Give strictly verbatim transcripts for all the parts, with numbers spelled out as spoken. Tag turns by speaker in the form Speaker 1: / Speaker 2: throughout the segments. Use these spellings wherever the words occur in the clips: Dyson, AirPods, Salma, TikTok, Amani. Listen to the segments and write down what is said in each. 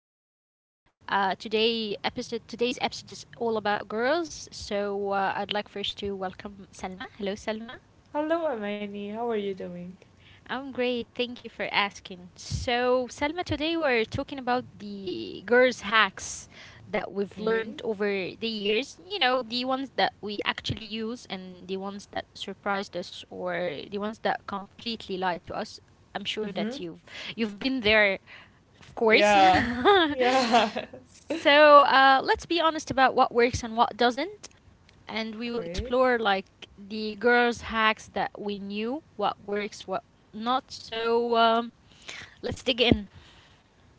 Speaker 1: podcast. Uh, today episode today's episode is all about girls. So uh, I'd like first to welcome Salma. Hello, Salma.
Speaker 2: Hello, Amani. How are you doing?
Speaker 1: I'm great. Thank you for asking. So, Salma, today we're talking about the girls' hacks that we've learned
Speaker 2: Okay.
Speaker 1: over the years. You know, the ones that we actually use and the ones that surprised us or the ones that completely lied to us. I'm sure that
Speaker 2: Mm-hmm.
Speaker 1: you've you've been there, of course.
Speaker 2: Yeah. Yeah.
Speaker 1: So uh, let's be honest about what works and what doesn't. And we will
Speaker 2: Okay.
Speaker 1: explore like the girls' hacks that we knew, what works, what not. So um, let's dig in.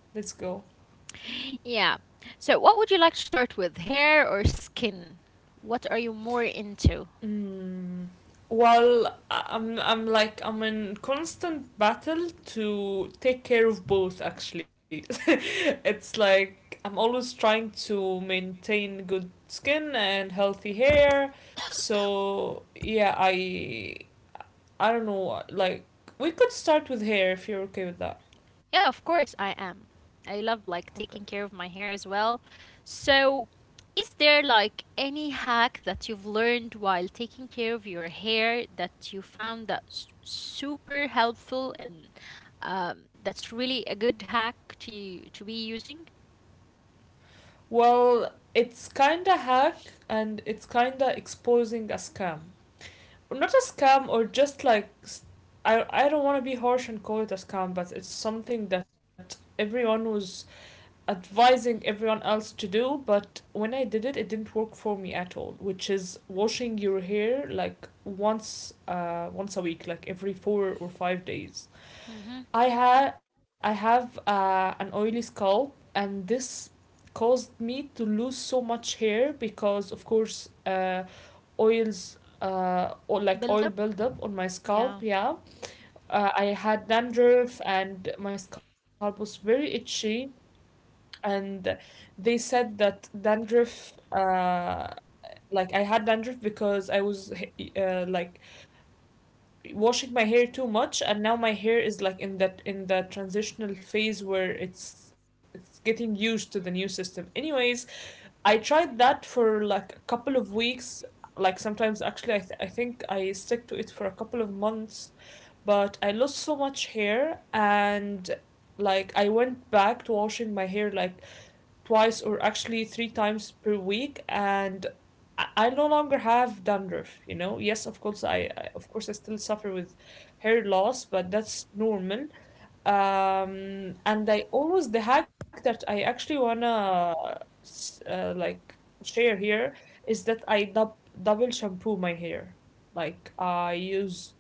Speaker 2: Let's go.
Speaker 1: Yeah. So, what would you like to start with? Hair or skin? What are you more into?
Speaker 2: Mm. Well, I- I'm I'm like I'm in constant battle to take care of both actually. It's like I'm always trying to maintain good skin and healthy hair. So, yeah, I I don't know, like we could start with hair if you're okay with that.
Speaker 1: Yeah, of course I am. I love
Speaker 2: Okay.
Speaker 1: like taking care of my hair as well. So, is there like any hack that you've learned while taking care of your hair that you found that's super helpful and um, that's really a good hack to to be using?
Speaker 2: Well, it's kinda hack and it's kinda exposing a scam. Not a scam or just like s- I I don't want to be harsh and call it a scam, but it's something that everyone was advising everyone else to do, but when I did it, it didn't work for me at all, which is washing your hair like once uh once a week, like every four or five days.
Speaker 1: Mm-hmm.
Speaker 2: I had I have uh, an oily scalp, and this caused me to lose so much hair because, of course, uh, oils, uh, or like
Speaker 1: Build
Speaker 2: oil
Speaker 1: up.
Speaker 2: buildup on my scalp.
Speaker 1: Yeah.
Speaker 2: Yeah, uh, I had dandruff, and my scalp was very itchy. And they said that dandruff, uh, like I had dandruff because I was uh, like washing my hair too much, and now my hair is like in that in that transitional phase where it's it's getting used to the new system. Anyways, I tried that for like a couple of weeks. Like sometimes actually, i, th- I think I stick to it for a couple of months, but I lost so much hair, and like I went back to washing my hair like twice or actually three times per week, and I- no longer have dandruff, you know. Yes, of course I, I of course I still suffer with hair loss, but that's normal. Um and I always the hack that I actually wanna s- uh, like share here is that I dub- double shampoo my hair. Like I used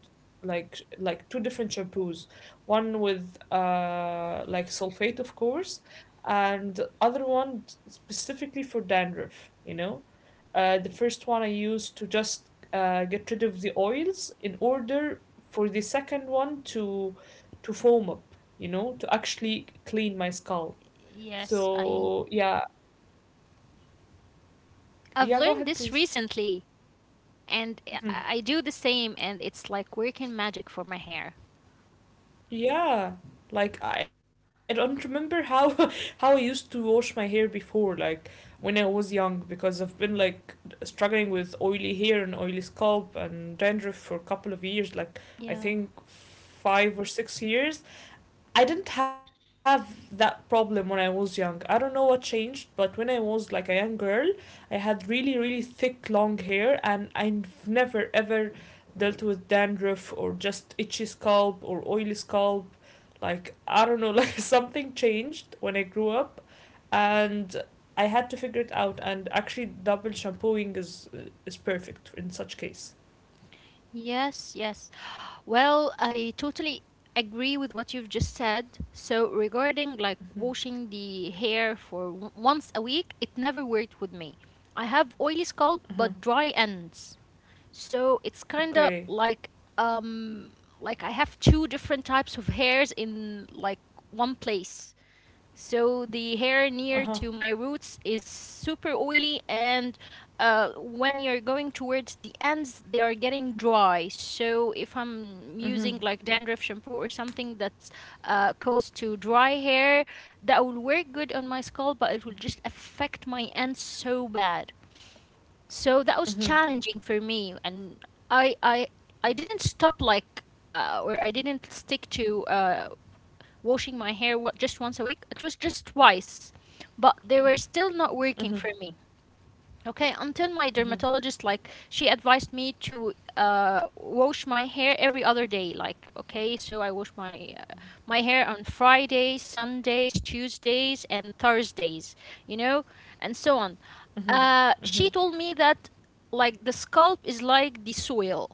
Speaker 2: like sh- like two different shampoos, one with uh like sulfate of course, and other one specifically for dandruff you know uh, The first one I used to just uh, get rid of the oils in order for the second one to to foam up, you know, to actually clean my scalp.
Speaker 1: Yes, I
Speaker 2: So yeah,
Speaker 1: I've
Speaker 2: yeah, go
Speaker 1: learned this
Speaker 2: ahead, please.
Speaker 1: recently, and I I
Speaker 2: Mhm.
Speaker 1: do the same, and it's like working magic for my hair.
Speaker 2: Yeah, like I don't remember how how I used to wash my hair before, like when I was young, because I've been like struggling with oily hair and oily scalp and dandruff for a couple of years, like
Speaker 1: Yeah.
Speaker 2: I think five or six years. I didn't have that problem when I was young. I don't know what changed, but when I was like a young girl, I had really, really thick, long hair, and I've never ever dealt with dandruff or just itchy scalp or oily scalp. Like, I don't know, like something changed when I grew up, and I had to figure it out. And actually, double shampooing is is perfect in such case.
Speaker 1: Yes, yes. Well, I totally agree with what you've just said. So, regarding like
Speaker 2: Mm-hmm.
Speaker 1: washing the hair for w- once a week, it never worked with me. I have oily scalp
Speaker 2: Uh-huh.
Speaker 1: but dry ends. So, it's kind of
Speaker 2: Okay.
Speaker 1: like um like I have two different types of hairs in like one place. So
Speaker 2: Uh
Speaker 1: the
Speaker 2: huh.
Speaker 1: hair near to my roots is super oily, and uh, when you're going towards the ends, they are getting dry. So if I'm
Speaker 2: Mm
Speaker 1: using like dandruff shampoo or something that's uh, caused to dry hair, that will work good on my scalp, but it will just affect my ends so bad. So
Speaker 2: hmm. Mm
Speaker 1: that
Speaker 2: hmm.
Speaker 1: was challenging for me, and I I I didn't stop like uh, or I didn't stick to uh, washing my hair wa- just once a week. It was just twice, but they were
Speaker 2: Mm
Speaker 1: still
Speaker 2: hmm.
Speaker 1: not working for me. Okay,
Speaker 2: Mm
Speaker 1: until
Speaker 2: hmm.
Speaker 1: my dermatologist, like, she advised me to uh, wash my hair every other day. Like, okay, so I wash my uh, my hair on Fridays, Sundays, Tuesdays, and Thursdays. You know, and so
Speaker 2: Mm-hmm.
Speaker 1: on.
Speaker 2: Mm-hmm.
Speaker 1: Uh, she told me that like the scalp is like the soil,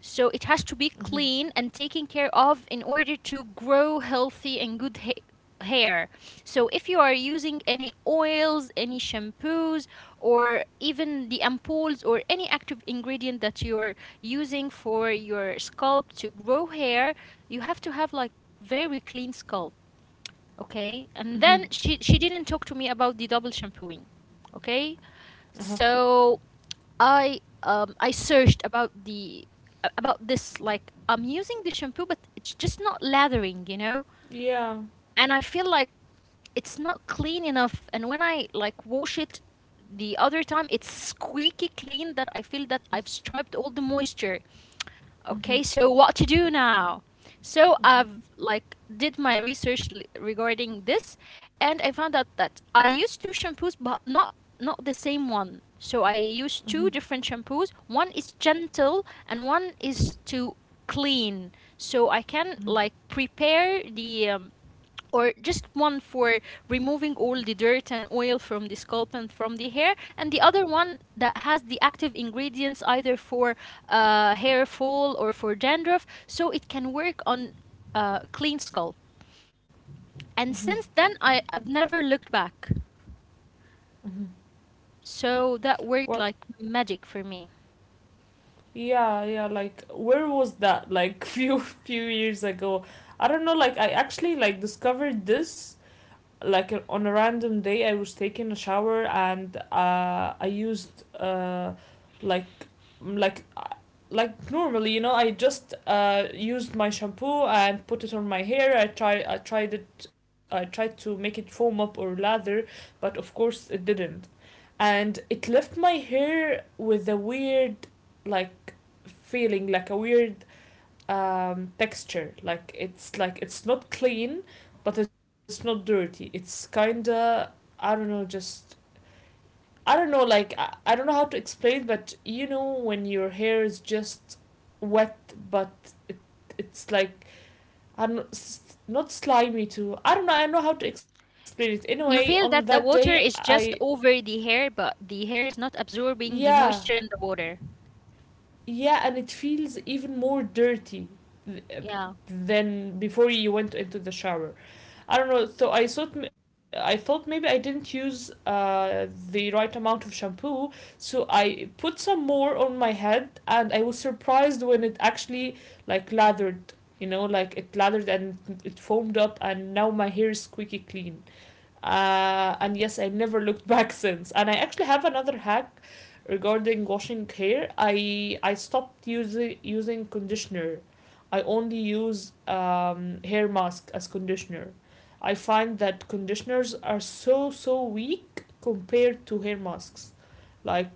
Speaker 1: so it has to
Speaker 2: Mm-hmm.
Speaker 1: be clean and taken care of in order to grow healthy and good ha- hair. So if you are using any oils, any shampoos, or even the ampoules or any active ingredient that you are using for your scalp to grow hair, you have to have like very clean scalp, okay?
Speaker 2: Hmm.
Speaker 1: And then she she didn't talk to me about the double shampooing. Okay,
Speaker 2: Uh-huh.
Speaker 1: so I um I searched about the a- about this, like I'm using the shampoo but it's just not lathering, you know?
Speaker 2: Yeah.
Speaker 1: And I feel like it's not clean enough, and when I like wash it the other time it's squeaky clean that I feel that I've striped all the moisture. Okay, so
Speaker 2: Mm-hmm.
Speaker 1: what to do now? So I've
Speaker 2: Mm-hmm.
Speaker 1: like did my research l- regarding this, and I found out that I use two shampoos but not not the same one. So I use two
Speaker 2: Mm-hmm.
Speaker 1: different shampoos. One is gentle and one is to clean. So I can like
Speaker 2: Mm-hmm.
Speaker 1: prepare the um, or just one for removing all the dirt and oil from the scalp and from the hair, and the other one that has the active ingredients either for uh, hair fall or for dandruff, so it can work on uh, clean scalp.
Speaker 2: Mm-hmm.
Speaker 1: And since then, I, I've never looked back.
Speaker 2: Hmm.
Speaker 1: So that worked
Speaker 2: What?
Speaker 1: like magic for me.
Speaker 2: Yeah, yeah. Yeah. Like, where was that? Like, few few years ago. I don't know. Like, I actually like discovered this like uh, on a random day I was taking a shower and uh, I used uh, like like uh, like normally, you know I just uh, used my shampoo and put it on my hair. i try I tried it. I tried to make it foam up or lather, but of course it didn't, and it left my hair with a weird, like, feeling, like a weird um, texture. Like it's like it's not clean, but it's not dirty. It's kinda, I don't know, just I don't know, like I, I don't know how to explain it, but you know when your hair is just wet, but it, it's like I don't s- not slimy too. I don't know. I don't know how to explain it. Anyway, on
Speaker 1: You
Speaker 2: that
Speaker 1: feel that
Speaker 2: day,
Speaker 1: the water
Speaker 2: I,
Speaker 1: is just over the hair, but the hair is not absorbing the
Speaker 2: yeah,
Speaker 1: moisture and the water.
Speaker 2: yeah, and it feels even more dirty th- uh,
Speaker 1: Yeah.
Speaker 2: than before you went into the shower. I don't know. So I thought I thought maybe I didn't use uh, the right amount of shampoo, so I put some more on my head, and I was surprised when it actually like lathered. You know, like it lathered and it foamed up, and now my hair is squeaky clean. Uh, and yes, I've never looked back since. And I actually have another hack regarding washing hair. I I stopped using using conditioner. I only use um, hair mask as conditioner. I find that conditioners are so so weak compared to hair masks. Like,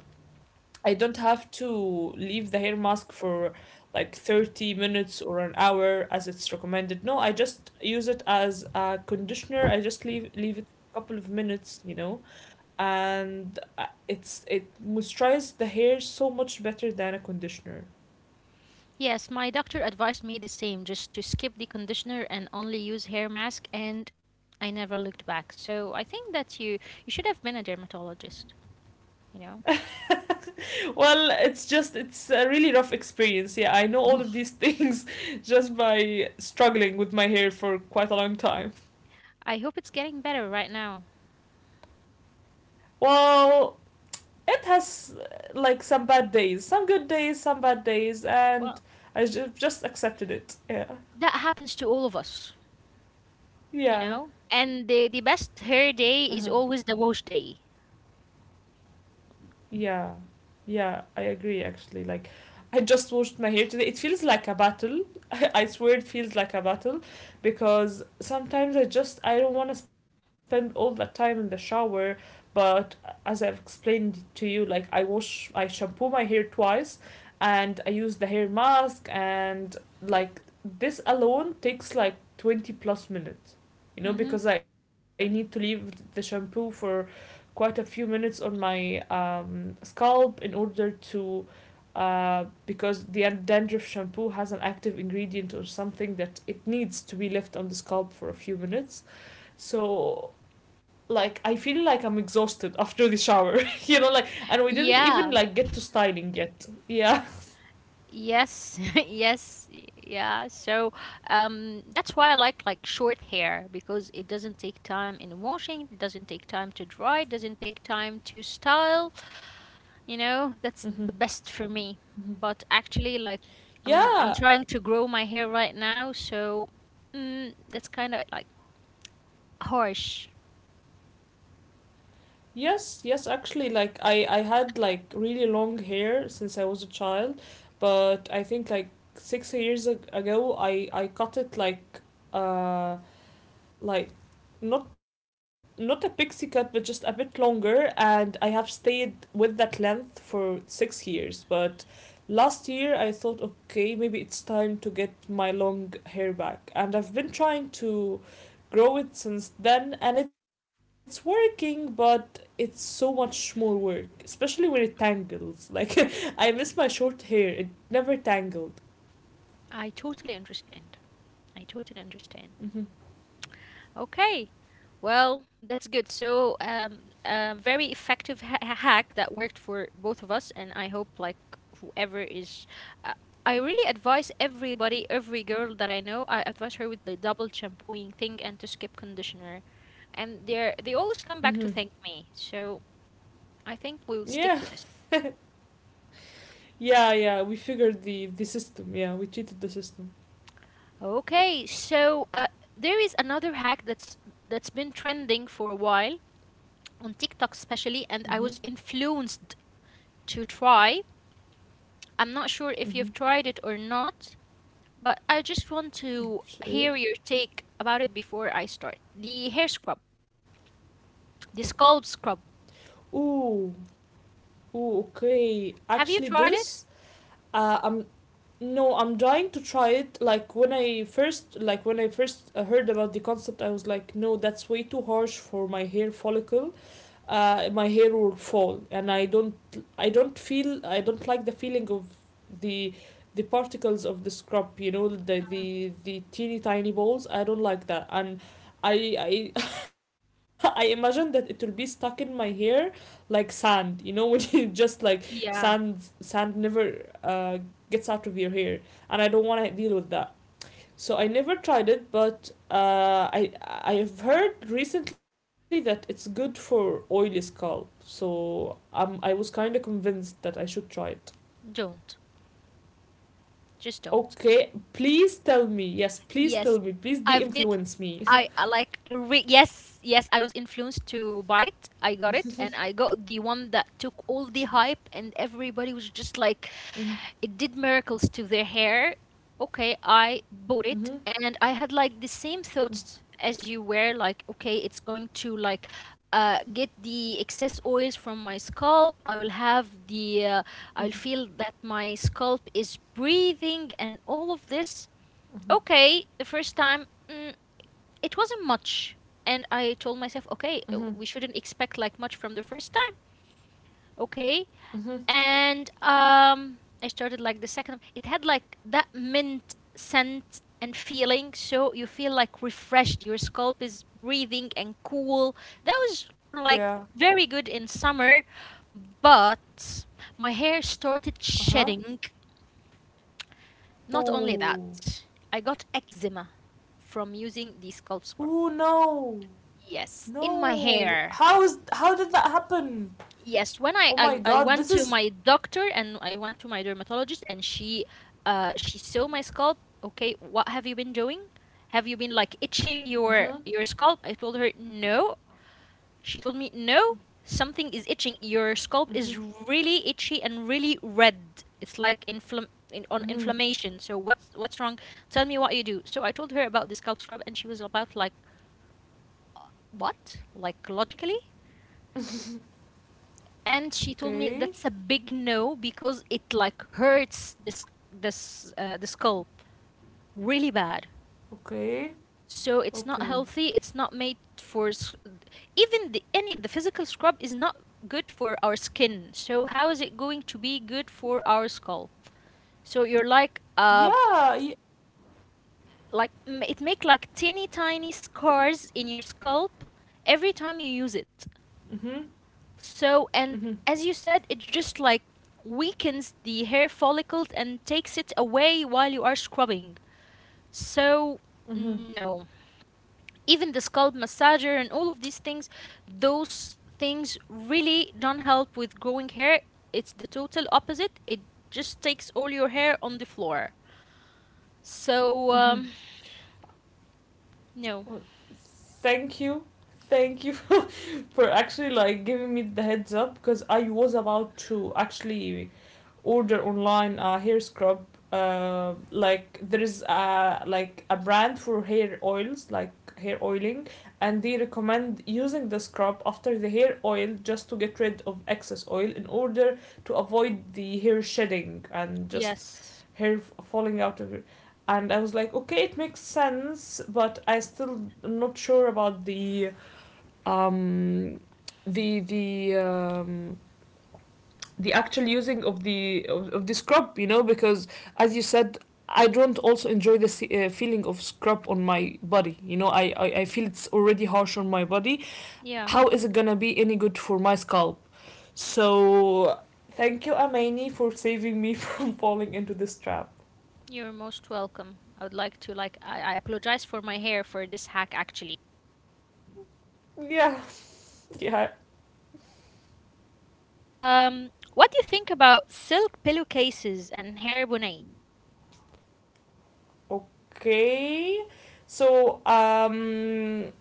Speaker 2: I don't have to leave the hair mask for like thirty minutes or an hour as it's recommended. No, I just use it as a conditioner. I just leave leave it a couple of minutes, you know. And uh, it's it moisturizes the hair so much better than a conditioner.
Speaker 1: Yes, my doctor advised me the same, just to skip the conditioner and only use hair mask, and I never looked back. So I think that you you should have been a dermatologist, you know.
Speaker 2: Well, it's just it's a really rough experience. Yeah, I know all of these things just by struggling with my hair for quite a long time.
Speaker 1: I hope it's getting better right now.
Speaker 2: Well, it has like some bad days, some good days, some bad days, and
Speaker 1: Well,
Speaker 2: I ju- just accepted it. Yeah,
Speaker 1: that happens to all of us, you
Speaker 2: yeah.
Speaker 1: know. And the the best hair
Speaker 2: Uh-huh.
Speaker 1: day is always the wash day.
Speaker 2: Yeah, yeah, I agree actually. Like, I just washed my hair today. It feels like a battle. I swear it feels like a battle because sometimes I just I don't want to spend all that time in the shower. But as I've explained to you, like I wash, I shampoo my hair twice, and I use the hair mask, and like this alone takes like twenty plus minutes. You know,
Speaker 1: Mm-hmm.
Speaker 2: because I need to leave the shampoo for quite a few minutes on my um, scalp in order to, uh, because the dandruff shampoo has an active ingredient or something that it needs to be left on the scalp for a few minutes. So like I feel like I'm exhausted after the shower, you know like, and we didn't even
Speaker 1: Yeah.
Speaker 2: like get to styling yet. Yeah.
Speaker 1: Yes, yes, y- yeah. So um, that's why I like like short hair because it doesn't take time in washing, it doesn't take time to dry, it doesn't take time to style. You know, that's
Speaker 2: Hmm.
Speaker 1: the best for me. But actually, like I'm I'm
Speaker 2: Yeah.
Speaker 1: trying to grow my hair right now, so mm, that's kind of like harsh.
Speaker 2: Yes, yes, actually, like I I had like really long hair since I was a child, but I think like six years ag- ago I I cut it like uh like not not a pixie cut but just a bit longer, and I have stayed with that length for six years. But last year I thought, okay, maybe it's time to get my long hair back, and I've been trying to grow it since then, and it's working, but it's so much more work, especially when it tangles. Like, I miss my short hair. It never tangled.
Speaker 1: I totally understand. I totally understand.
Speaker 2: Mm-hmm.
Speaker 1: Okay. Well, that's good. So, um, a very effective ha- ha- hack that worked for both of us, and I hope like whoever is, uh, I really advise everybody, every girl that I know, I advise her with the double shampooing thing and to skip conditioner, and they are they always come back to
Speaker 2: Mm-hmm.
Speaker 1: thank me. So I think we will stick
Speaker 2: Yeah.
Speaker 1: to this.
Speaker 2: Yeah, yeah, we figured the the system. Yeah, we cheated the system.
Speaker 1: Okay, so uh, there is another hack that's that's been trending for a while on TikTok especially, and I
Speaker 2: Mhm.
Speaker 1: was influenced to try. I'm not sure if you've
Speaker 2: Mhm.
Speaker 1: tried it or not, but I just want to
Speaker 2: Which
Speaker 1: hear
Speaker 2: is
Speaker 1: your take about it before I start. The hair scrub, the scalp scrub.
Speaker 2: ooh, ooh. Okay, actually,
Speaker 1: Have you tried
Speaker 2: this,
Speaker 1: it?
Speaker 2: uh, I'm, no, I'm trying to try it. Like when I first, like when I first uh, heard about the concept, I was like, no, that's way too harsh for my hair follicle. Uh, my hair will fall, and i don't i don't feel I don't like the feeling of the the particles of the scrub you know the the, the teeny tiny balls. I don't like that, and i i I imagine that it will be stuck in my hair, like sand, you know when you just like sand,
Speaker 1: Yeah,
Speaker 2: sand never uh, gets out of your hair, and I don't want to deal with that. So I never tried it, but uh, I I have heard recently that it's good for oily scalp. So um, I was kind of convinced that I should try it.
Speaker 1: don't. Just don't.
Speaker 2: Okay, please tell me. Yes, please
Speaker 1: Yes,
Speaker 2: tell me. Please
Speaker 1: I've did.
Speaker 2: de-influence me.
Speaker 1: I, I like re- yes, yes. I was influenced to buy it. I got it, and I got the one that took all the hype, and everybody was just like,
Speaker 2: Mm-hmm.
Speaker 1: it did miracles to their hair. Okay, I bought it
Speaker 2: Mm-hmm.
Speaker 1: and I had like the same thoughts as you, were like, okay, it's going to like uh, get the excess oils from my scalp. I will have the, uh, I'll feel that my scalp is breathing and all of this.
Speaker 2: Mm-hmm.
Speaker 1: Okay, the first time, mm, it wasn't much. And I told myself, okay, uh,
Speaker 2: Mm-hmm.
Speaker 1: we shouldn't expect like much from the first time. Okay,
Speaker 2: Mm-hmm.
Speaker 1: and um I started like the second, it had like that mint scent and feeling so you feel like refreshed, your scalp is breathing and cool. That was like
Speaker 2: Yeah.
Speaker 1: very good in summer, but my hair started
Speaker 2: Uh huh.
Speaker 1: shedding. Not only
Speaker 2: Ooh.
Speaker 1: that, I got eczema from using the scalp scrub,
Speaker 2: Ooh no.
Speaker 1: yes, in my
Speaker 2: No.
Speaker 1: hair.
Speaker 2: How is, how did that happen?
Speaker 1: Yes, when I,
Speaker 2: Oh
Speaker 1: I
Speaker 2: my
Speaker 1: I
Speaker 2: god.
Speaker 1: went
Speaker 2: This
Speaker 1: to
Speaker 2: is.
Speaker 1: my doctor and I went to my dermatologist and she uh she saw my scalp. Okay, what have you been doing? Have you been like itching your
Speaker 2: Mm-hmm.
Speaker 1: your scalp? I told her no. She told me no. Something is itching. Your scalp
Speaker 2: Mm-hmm.
Speaker 1: is really itchy and really red. It's like inflam in, on
Speaker 2: Mm-hmm.
Speaker 1: inflammation. So what's what's wrong? Tell me what you do. So I told her about the scalp scrub and she was about like what? Like logically? And she told me
Speaker 2: Okay.
Speaker 1: that's a big no because it like hurts this this uh, the scalp really bad,
Speaker 2: Okay,
Speaker 1: so it's not
Speaker 2: okay.
Speaker 1: healthy, it's not made for s- even the any the physical scrub is not good for our skin, so how is it going to be good for our scalp? So you're like um
Speaker 2: Yeah. Yeah.
Speaker 1: like m- it make like teeny tiny scars in your scalp every time you use it.
Speaker 2: Mhm.
Speaker 1: So,
Speaker 2: Mhm.
Speaker 1: and as you said, it just like weakens the hair follicles and takes it away while you are scrubbing. So,
Speaker 2: Mhm.
Speaker 1: no. Even the scalp massager and all of these things, those things really don't help with growing hair. It's the total opposite. It just takes all your hair on the floor. So,
Speaker 2: Mhm.
Speaker 1: um, no.
Speaker 2: Well, thank you. Thank you for actually like giving me the heads up because I was about to actually order online a hair scrub. Uh, like there is a like a brand for hair oils, like hair oiling, and they recommend using the scrub after the hair oil just to get rid of excess oil in order to avoid the hair shedding and just
Speaker 1: Yes.
Speaker 2: hair falling out of it. And I was like, okay, it makes sense, but I still am not sure about the um the the um the actual using of the of, of the scrub, you know because as you said, I don't also enjoy the uh, feeling of scrub on my body you know I, I i feel it's already harsh on my body.
Speaker 1: Yeah,
Speaker 2: How is it gonna be any good for my scalp? So thank you, Amani, for saving me from falling into this trap.
Speaker 1: you're most welcome. I would like to like I, I apologize for my hair for this hack actually.
Speaker 2: Yeah. Yeah.
Speaker 1: Um, what do you think about silk pillowcases and hair bonnet?
Speaker 2: Okay. So, um,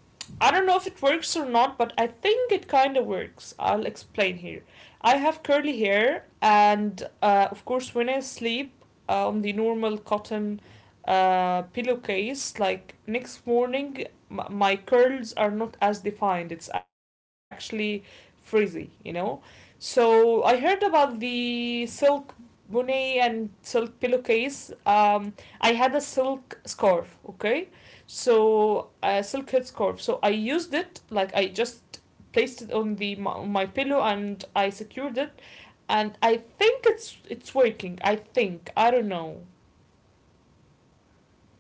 Speaker 2: I don't know if it works or not, but I think it kind of works. I'll explain here. I have curly hair, and uh, of course, when I sleep uh, on the normal cotton uh, pillowcase, like next morning, m- my curls are not as defined. It's actually frizzy, you know? So, I heard about the silk bonnet and silk pillowcase. Um, I had a silk scarf, okay? So a silk head scarf. So I used it like I just placed it on the my, my pillow and I secured it and I think it's it's working. I think. I don't know.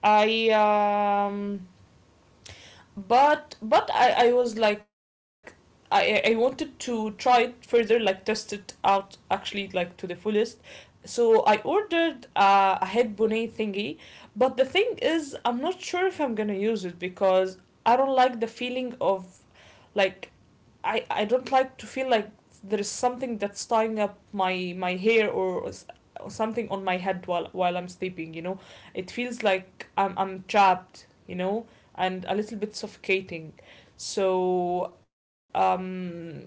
Speaker 2: I um but but I, I was like I, I wanted to try it further, like test it out actually, like to the fullest. So I ordered uh, a head bonnet thingy, but the thing is I'm not sure if I'm gonna use it because I don't like the feeling of like I I don't like to feel like there is something that's tying up my my hair or or something on my head while while I'm sleeping, you know? It feels like I'm I'm trapped, you know, and a little bit suffocating. So um,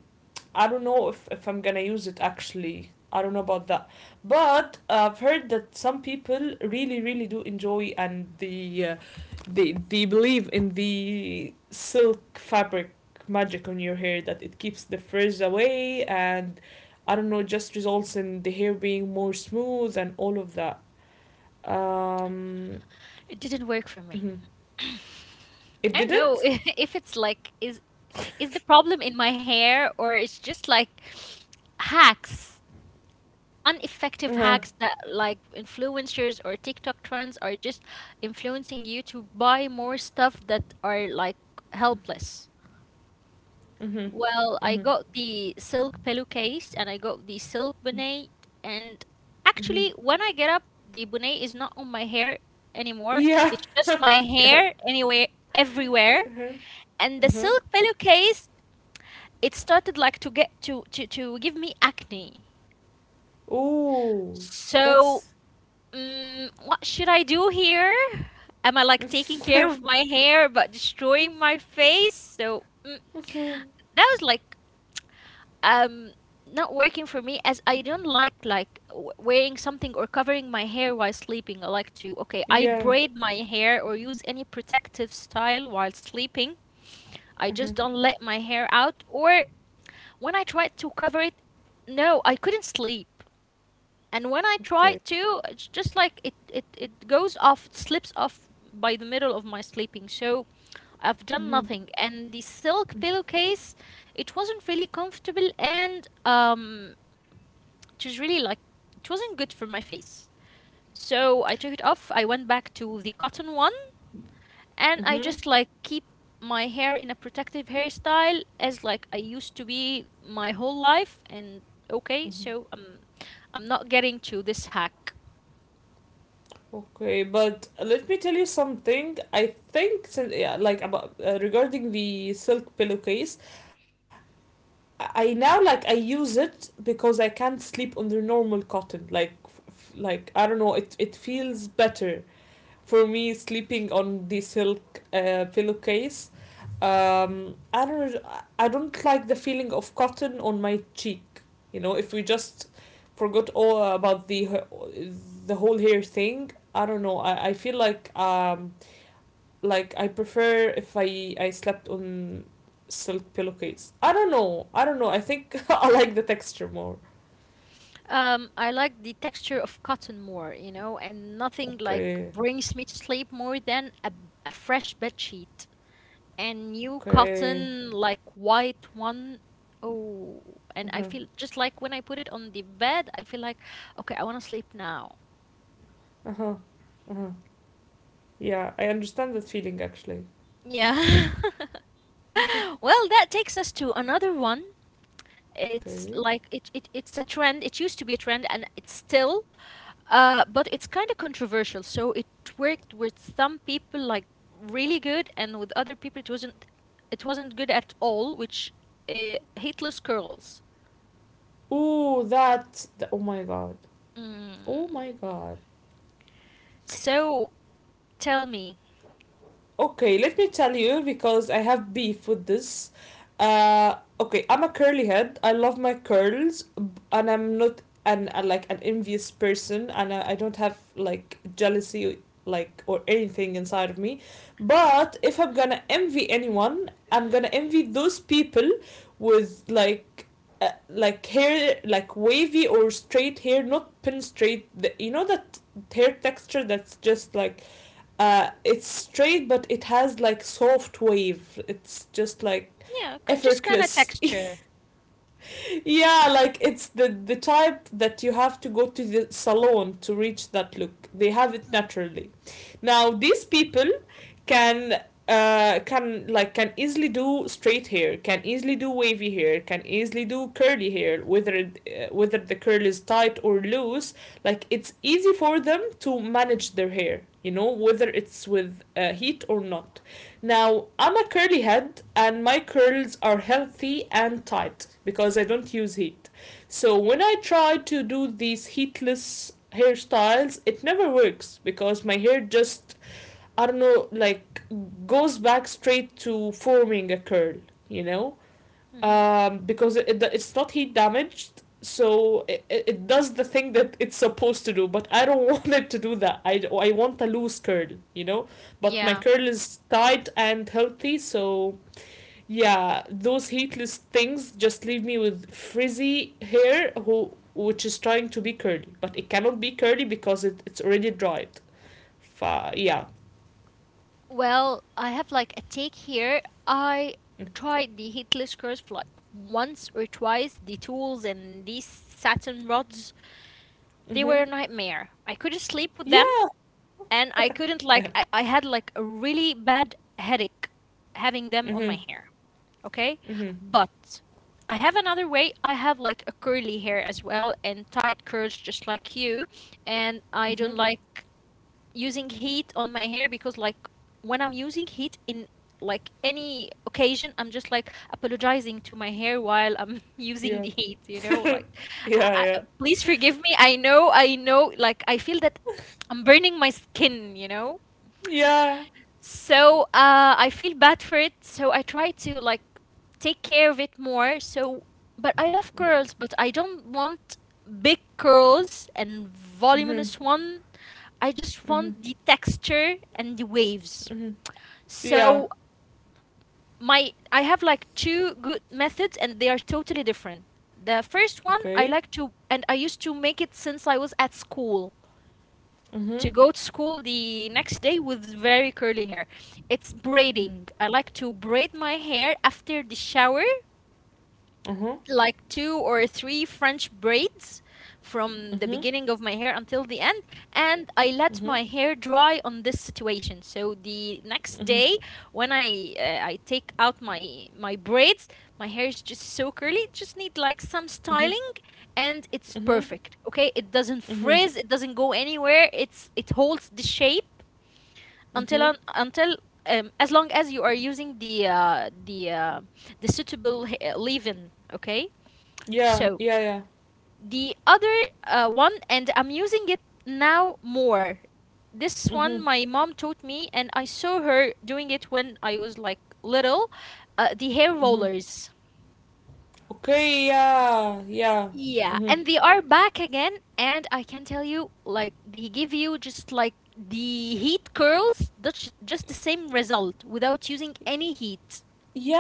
Speaker 2: I don't know if, if I'm gonna use it actually. I don't know about that. But uh, I've heard that some people really, really do enjoy, and the uh, they, they believe in the silk fabric magic on your hair, that it keeps the frizz away and I don't know, just results in the hair being more smooth and all of that. Um,
Speaker 1: It didn't work for me.
Speaker 2: mhm.
Speaker 1: I
Speaker 2: It
Speaker 1: don't know
Speaker 2: didn't?
Speaker 1: if it's like is is the problem in my hair or it's just like hacks, ineffective
Speaker 2: Uh-huh.
Speaker 1: hacks that like influencers or TikTok trends are just influencing you to buy more stuff that are like helpless.
Speaker 2: Mm-hmm.
Speaker 1: Well,
Speaker 2: Mm-hmm.
Speaker 1: I got the silk pillowcase and I got the silk bonnet. And
Speaker 2: Mm-hmm. Mm-hmm.
Speaker 1: actually, when I get up, the bonnet is not on my hair anymore.
Speaker 2: Yeah.
Speaker 1: It's just my
Speaker 2: Yeah.
Speaker 1: hair anywhere, everywhere. And the
Speaker 2: Uh-huh.
Speaker 1: silk pillowcase, it started like to get to to, to give me acne.
Speaker 2: Ooh.
Speaker 1: So,
Speaker 2: That's
Speaker 1: mm, what should I do here? Am I like taking care of my hair but destroying my face? So mm,
Speaker 2: mhm.
Speaker 1: that was like um not working for me as I don't like like w- wearing something or covering my hair while sleeping. I like to, okay, I
Speaker 2: Yeah.
Speaker 1: braid my hair or use any protective style while sleeping. I just
Speaker 2: Mm-hmm.
Speaker 1: don't let my hair out, or when I tried to cover it, no, I couldn't sleep. And when I
Speaker 2: Okay.
Speaker 1: tried to, it's just like it it it goes off, it slips off by the middle of my sleeping. So I've done
Speaker 2: Mm-hmm.
Speaker 1: nothing. And the silk
Speaker 2: Mm-hmm.
Speaker 1: pillowcase, it wasn't really comfortable, and um it was really like it wasn't good for my face. So I took it off. I went back to the cotton one and I
Speaker 2: Mm-hmm.
Speaker 1: just like keep my hair in a protective hairstyle as like I used to be my whole life and okay, so um I'm not getting to this hack.
Speaker 2: Okay, but let me tell you something. I think sin- yeah, like about uh, regarding the silk pillowcase, I I now, like, I use it because I can't sleep on the normal cotton. Like, f- f- like I don't know, it it feels better for me sleeping on the silk uh, pillowcase. Um i don't i don't like the feeling of cotton on my cheek, you know? If we just forgot all about the uh, the whole hair thing, I don't know, i, I feel like um like I prefer if i i slept on silk pillowcase. I don't know, I don't know, I think I like the texture more.
Speaker 1: Um, I like the texture of cotton more, you know, and nothing like
Speaker 2: Okay,
Speaker 1: brings me to sleep more than a, a fresh bed sheet. And new cotton
Speaker 2: okay,
Speaker 1: like white one. Oh,
Speaker 2: uh-huh,
Speaker 1: and I feel just like when I put it on the bed I feel like okay, I want to sleep now.
Speaker 2: uh-huh, uh-huh. Yeah, I understand that feeling actually.
Speaker 1: Yeah. Well, that takes us to another one. It's
Speaker 2: Okay.
Speaker 1: like it, it it's a trend, it used to be a trend and it's still uh but it's kind of controversial. So it worked with some people like really good, and with other people it wasn't, it wasn't good at all. Which, uh, hateless curls.
Speaker 2: Oh, that. th- Oh my god. Oh
Speaker 1: Mm.
Speaker 2: my god.
Speaker 1: So tell me,
Speaker 2: Okay, let me tell you because I have beef with this. Uh, okay, I'm a curly head. I love my curls, b- and I'm not an uh, like an envious person, and I, I don't have like jealousy like or anything inside of me. But if I'm gonna envy anyone, I'm gonna envy those people with like. Uh, like hair like wavy or straight hair, not pin straight, the, you know, that hair texture that's just like uh it's straight but it has like soft wave, it's just like
Speaker 1: yeah, c- just kind of
Speaker 2: effortless.
Speaker 1: texture.
Speaker 2: Yeah, like it's the the type that you have to go to the salon to reach that look. They have it naturally. Now these people can uh can like can easily do straight hair, can easily do wavy hair, can easily do curly hair, whether it, uh, whether the curl is tight or loose. Like it's easy for them to manage their hair, you know, whether it's with uh, heat or not. Now I'm a curly head and my curls are healthy and tight because I don't use heat. So when I try to do these heatless hairstyles, it never works because my hair just I don't know, like goes back straight to forming a curl, you know,
Speaker 1: Hmm.
Speaker 2: um, because it, it's not heat damaged, so it, it does the thing that it's supposed to do. But I don't want it to do that. I, I want a loose curl, you know, but my
Speaker 1: Yeah.
Speaker 2: curl is tight and healthy, so yeah, those heatless things just leave me with frizzy hair who which is trying to be curly, but it cannot be curly because it, it's already dried. Fa- yeah.
Speaker 1: Well, I have like a take here. I tried the heatless curls for like once or twice. The tools and these satin rods, they
Speaker 2: Mm-hmm.
Speaker 1: were a nightmare. I couldn't sleep with them,
Speaker 2: Yeah.
Speaker 1: and I couldn't like
Speaker 2: Yeah.
Speaker 1: I, I had like a really bad headache having them on my
Speaker 2: Mm-hmm.
Speaker 1: hair. Okay?
Speaker 2: Mm-hmm.
Speaker 1: But I have another way. I have like a curly hair as well and tight curls just like you, and I
Speaker 2: Mm-hmm.
Speaker 1: don't like using heat on my hair, because like when I'm using heat in like any occasion, I'm just like apologizing to my hair while I'm using
Speaker 2: Yeah.
Speaker 1: the heat, you know?
Speaker 2: Yeah,
Speaker 1: Like I, I
Speaker 2: yeah.
Speaker 1: please forgive me. I know, I know, like I feel that I'm burning my skin, you know?
Speaker 2: Yeah.
Speaker 1: So uh, I feel bad for it. So I try to like take care of it more. So, but I love curls, but I don't want big curls and
Speaker 2: Mm-hmm.
Speaker 1: voluminous one. I just
Speaker 2: Mm-hmm.
Speaker 1: want the texture and the waves.
Speaker 2: Mm-hmm. Yeah.
Speaker 1: So my I have like two good methods, and they are totally different. The first one I
Speaker 2: Okay.
Speaker 1: like to, and I used to make it since I was at school
Speaker 2: Mm-hmm.
Speaker 1: to go to school the next day with very curly hair. It's braiding. I like to braid my hair after the shower,
Speaker 2: Mm-hmm.
Speaker 1: like two or three French braids from the
Speaker 2: Mm-hmm.
Speaker 1: beginning of my hair until the end, and I let
Speaker 2: Mm-hmm.
Speaker 1: my hair dry on this situation. So the next
Speaker 2: Mm-hmm.
Speaker 1: day, when I uh, I take out my my braids, my hair is just so curly. It just need like some styling, and it's
Speaker 2: Mm-hmm. Mm-hmm.
Speaker 1: perfect. Okay, it doesn't
Speaker 2: Mm-hmm.
Speaker 1: frizz, it doesn't go anywhere. It's it holds the shape until
Speaker 2: Mm-hmm.
Speaker 1: on, until um, as long as you are using the uh, the uh, the suitable h- uh, leave-in. Okay,
Speaker 2: Yeah,
Speaker 1: so
Speaker 2: yeah, yeah.
Speaker 1: the other uh, one, and I'm using it now more. This
Speaker 2: Mm-hmm.
Speaker 1: one my mom taught me, and I saw her doing it when I was like little. Uh, the hair
Speaker 2: Mm-hmm.
Speaker 1: rollers.
Speaker 2: Okay, yeah, yeah.
Speaker 1: Yeah,
Speaker 2: Mm-hmm.
Speaker 1: and they are back again, and I can tell you, like, they give you just like the heat curls, that's just the same result without using any heat.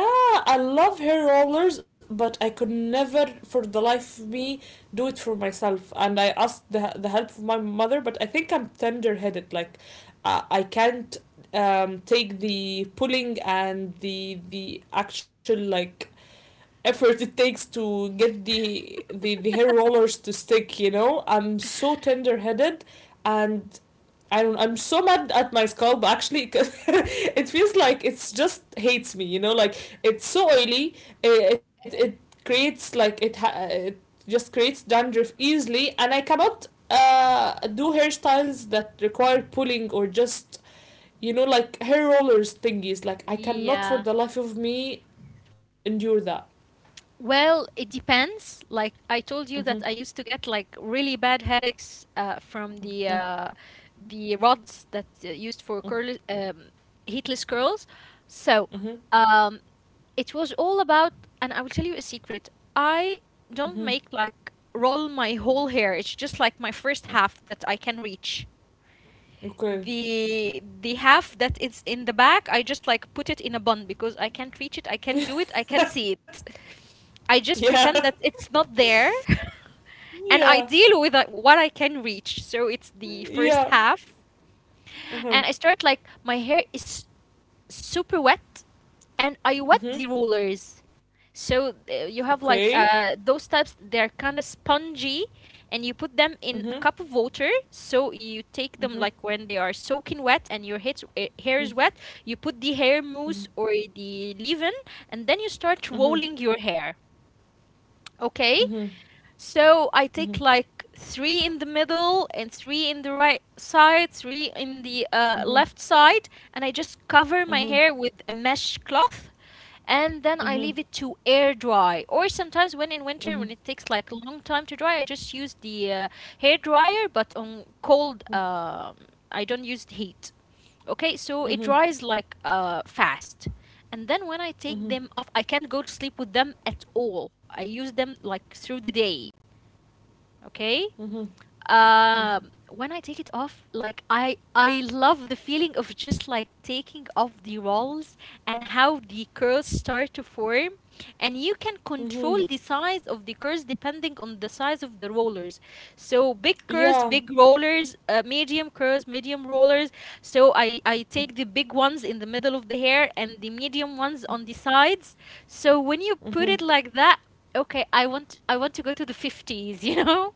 Speaker 2: Yeah, I love hair rollers, but I could never, for the life of me, do it for myself. And I asked the, the help of my mother, but I think I'm tender headed. Like, uh, I can't um, take the pulling and the the actual like effort it takes to get the the, the hair rollers to stick. You know, I'm so tender headed, and I don't. I'm so mad at my scalp. Actually, 'cause it feels like it's just hates me. You know, like it's so oily. It it, it creates like it ha- it just creates dandruff easily, and I cannot uh do hairstyles that require pulling or just, you know, like hair rollers thingies. Like I cannot for
Speaker 1: Yeah.
Speaker 2: the life of me endure that.
Speaker 1: Well, it depends. Like I told
Speaker 2: Mhm.
Speaker 1: you that I used to get like really bad headaches uh, from the
Speaker 2: Mhm.
Speaker 1: uh, the rods that uh, used for curl um, heatless curls. So
Speaker 2: Mhm.
Speaker 1: um, it was all about, and I will tell you a secret. I
Speaker 2: Mhm. Mhm.
Speaker 1: don't make like roll my whole hair. It's just like my first half that I can reach.
Speaker 2: Okay.
Speaker 1: The the half that is in the back I just like put it in a bun because I can't reach it, I can't do it, I can't see it. I just
Speaker 2: Yeah.
Speaker 1: pretend that it's not there. And
Speaker 2: Yeah.
Speaker 1: I deal with uh, what I can reach. So it's the first
Speaker 2: Yeah.
Speaker 1: half,
Speaker 2: Uh
Speaker 1: and
Speaker 2: huh.
Speaker 1: I start like my hair is super wet, and I wet the
Speaker 2: Mm-hmm.
Speaker 1: rollers. So uh, you have
Speaker 2: Okay.
Speaker 1: like uh, those types, they're kind of spongy, and you put them in a
Speaker 2: Mhm.
Speaker 1: cup of water. So you take them
Speaker 2: Mhm.
Speaker 1: like when they are soaking wet and your hits, uh, hair is
Speaker 2: Mhm.
Speaker 1: wet, you put the hair mousse or the leave-in, and then you start
Speaker 2: Mhm. Mhm.
Speaker 1: rolling your hair.
Speaker 2: Mhm.
Speaker 1: Okay, so I
Speaker 2: Mhm.
Speaker 1: take like three in the middle and three in the right side, three in the uh,
Speaker 2: Mhm.
Speaker 1: left side, and I just cover my
Speaker 2: Mhm.
Speaker 1: hair with a mesh cloth and then I leave
Speaker 2: Mhm.
Speaker 1: it to air dry. Or sometimes when in winter when
Speaker 2: Mhm.
Speaker 1: it takes like a long time to dry, I just use the uh, hair dryer but on cold. um I don't use the heat. Okay, so it dries like uh fast. And then when I take
Speaker 2: Mhm.
Speaker 1: them off, I can't go to sleep with them at all. I use them like through the day, okay?
Speaker 2: Mhm. Mhm.
Speaker 1: Um, when I take it off, like I I love the feeling of just like taking off the rolls and how the curls start to form, and you can control
Speaker 2: Mhm.
Speaker 1: the size of the curls depending on the size of the rollers. So big curls,
Speaker 2: Yeah.
Speaker 1: big rollers, uh, medium curls, medium rollers. So I I take the big ones in the middle of the hair and the medium ones on the sides. So when you put
Speaker 2: Mhm.
Speaker 1: it like that, okay, I want I want to go to the fifties, you know?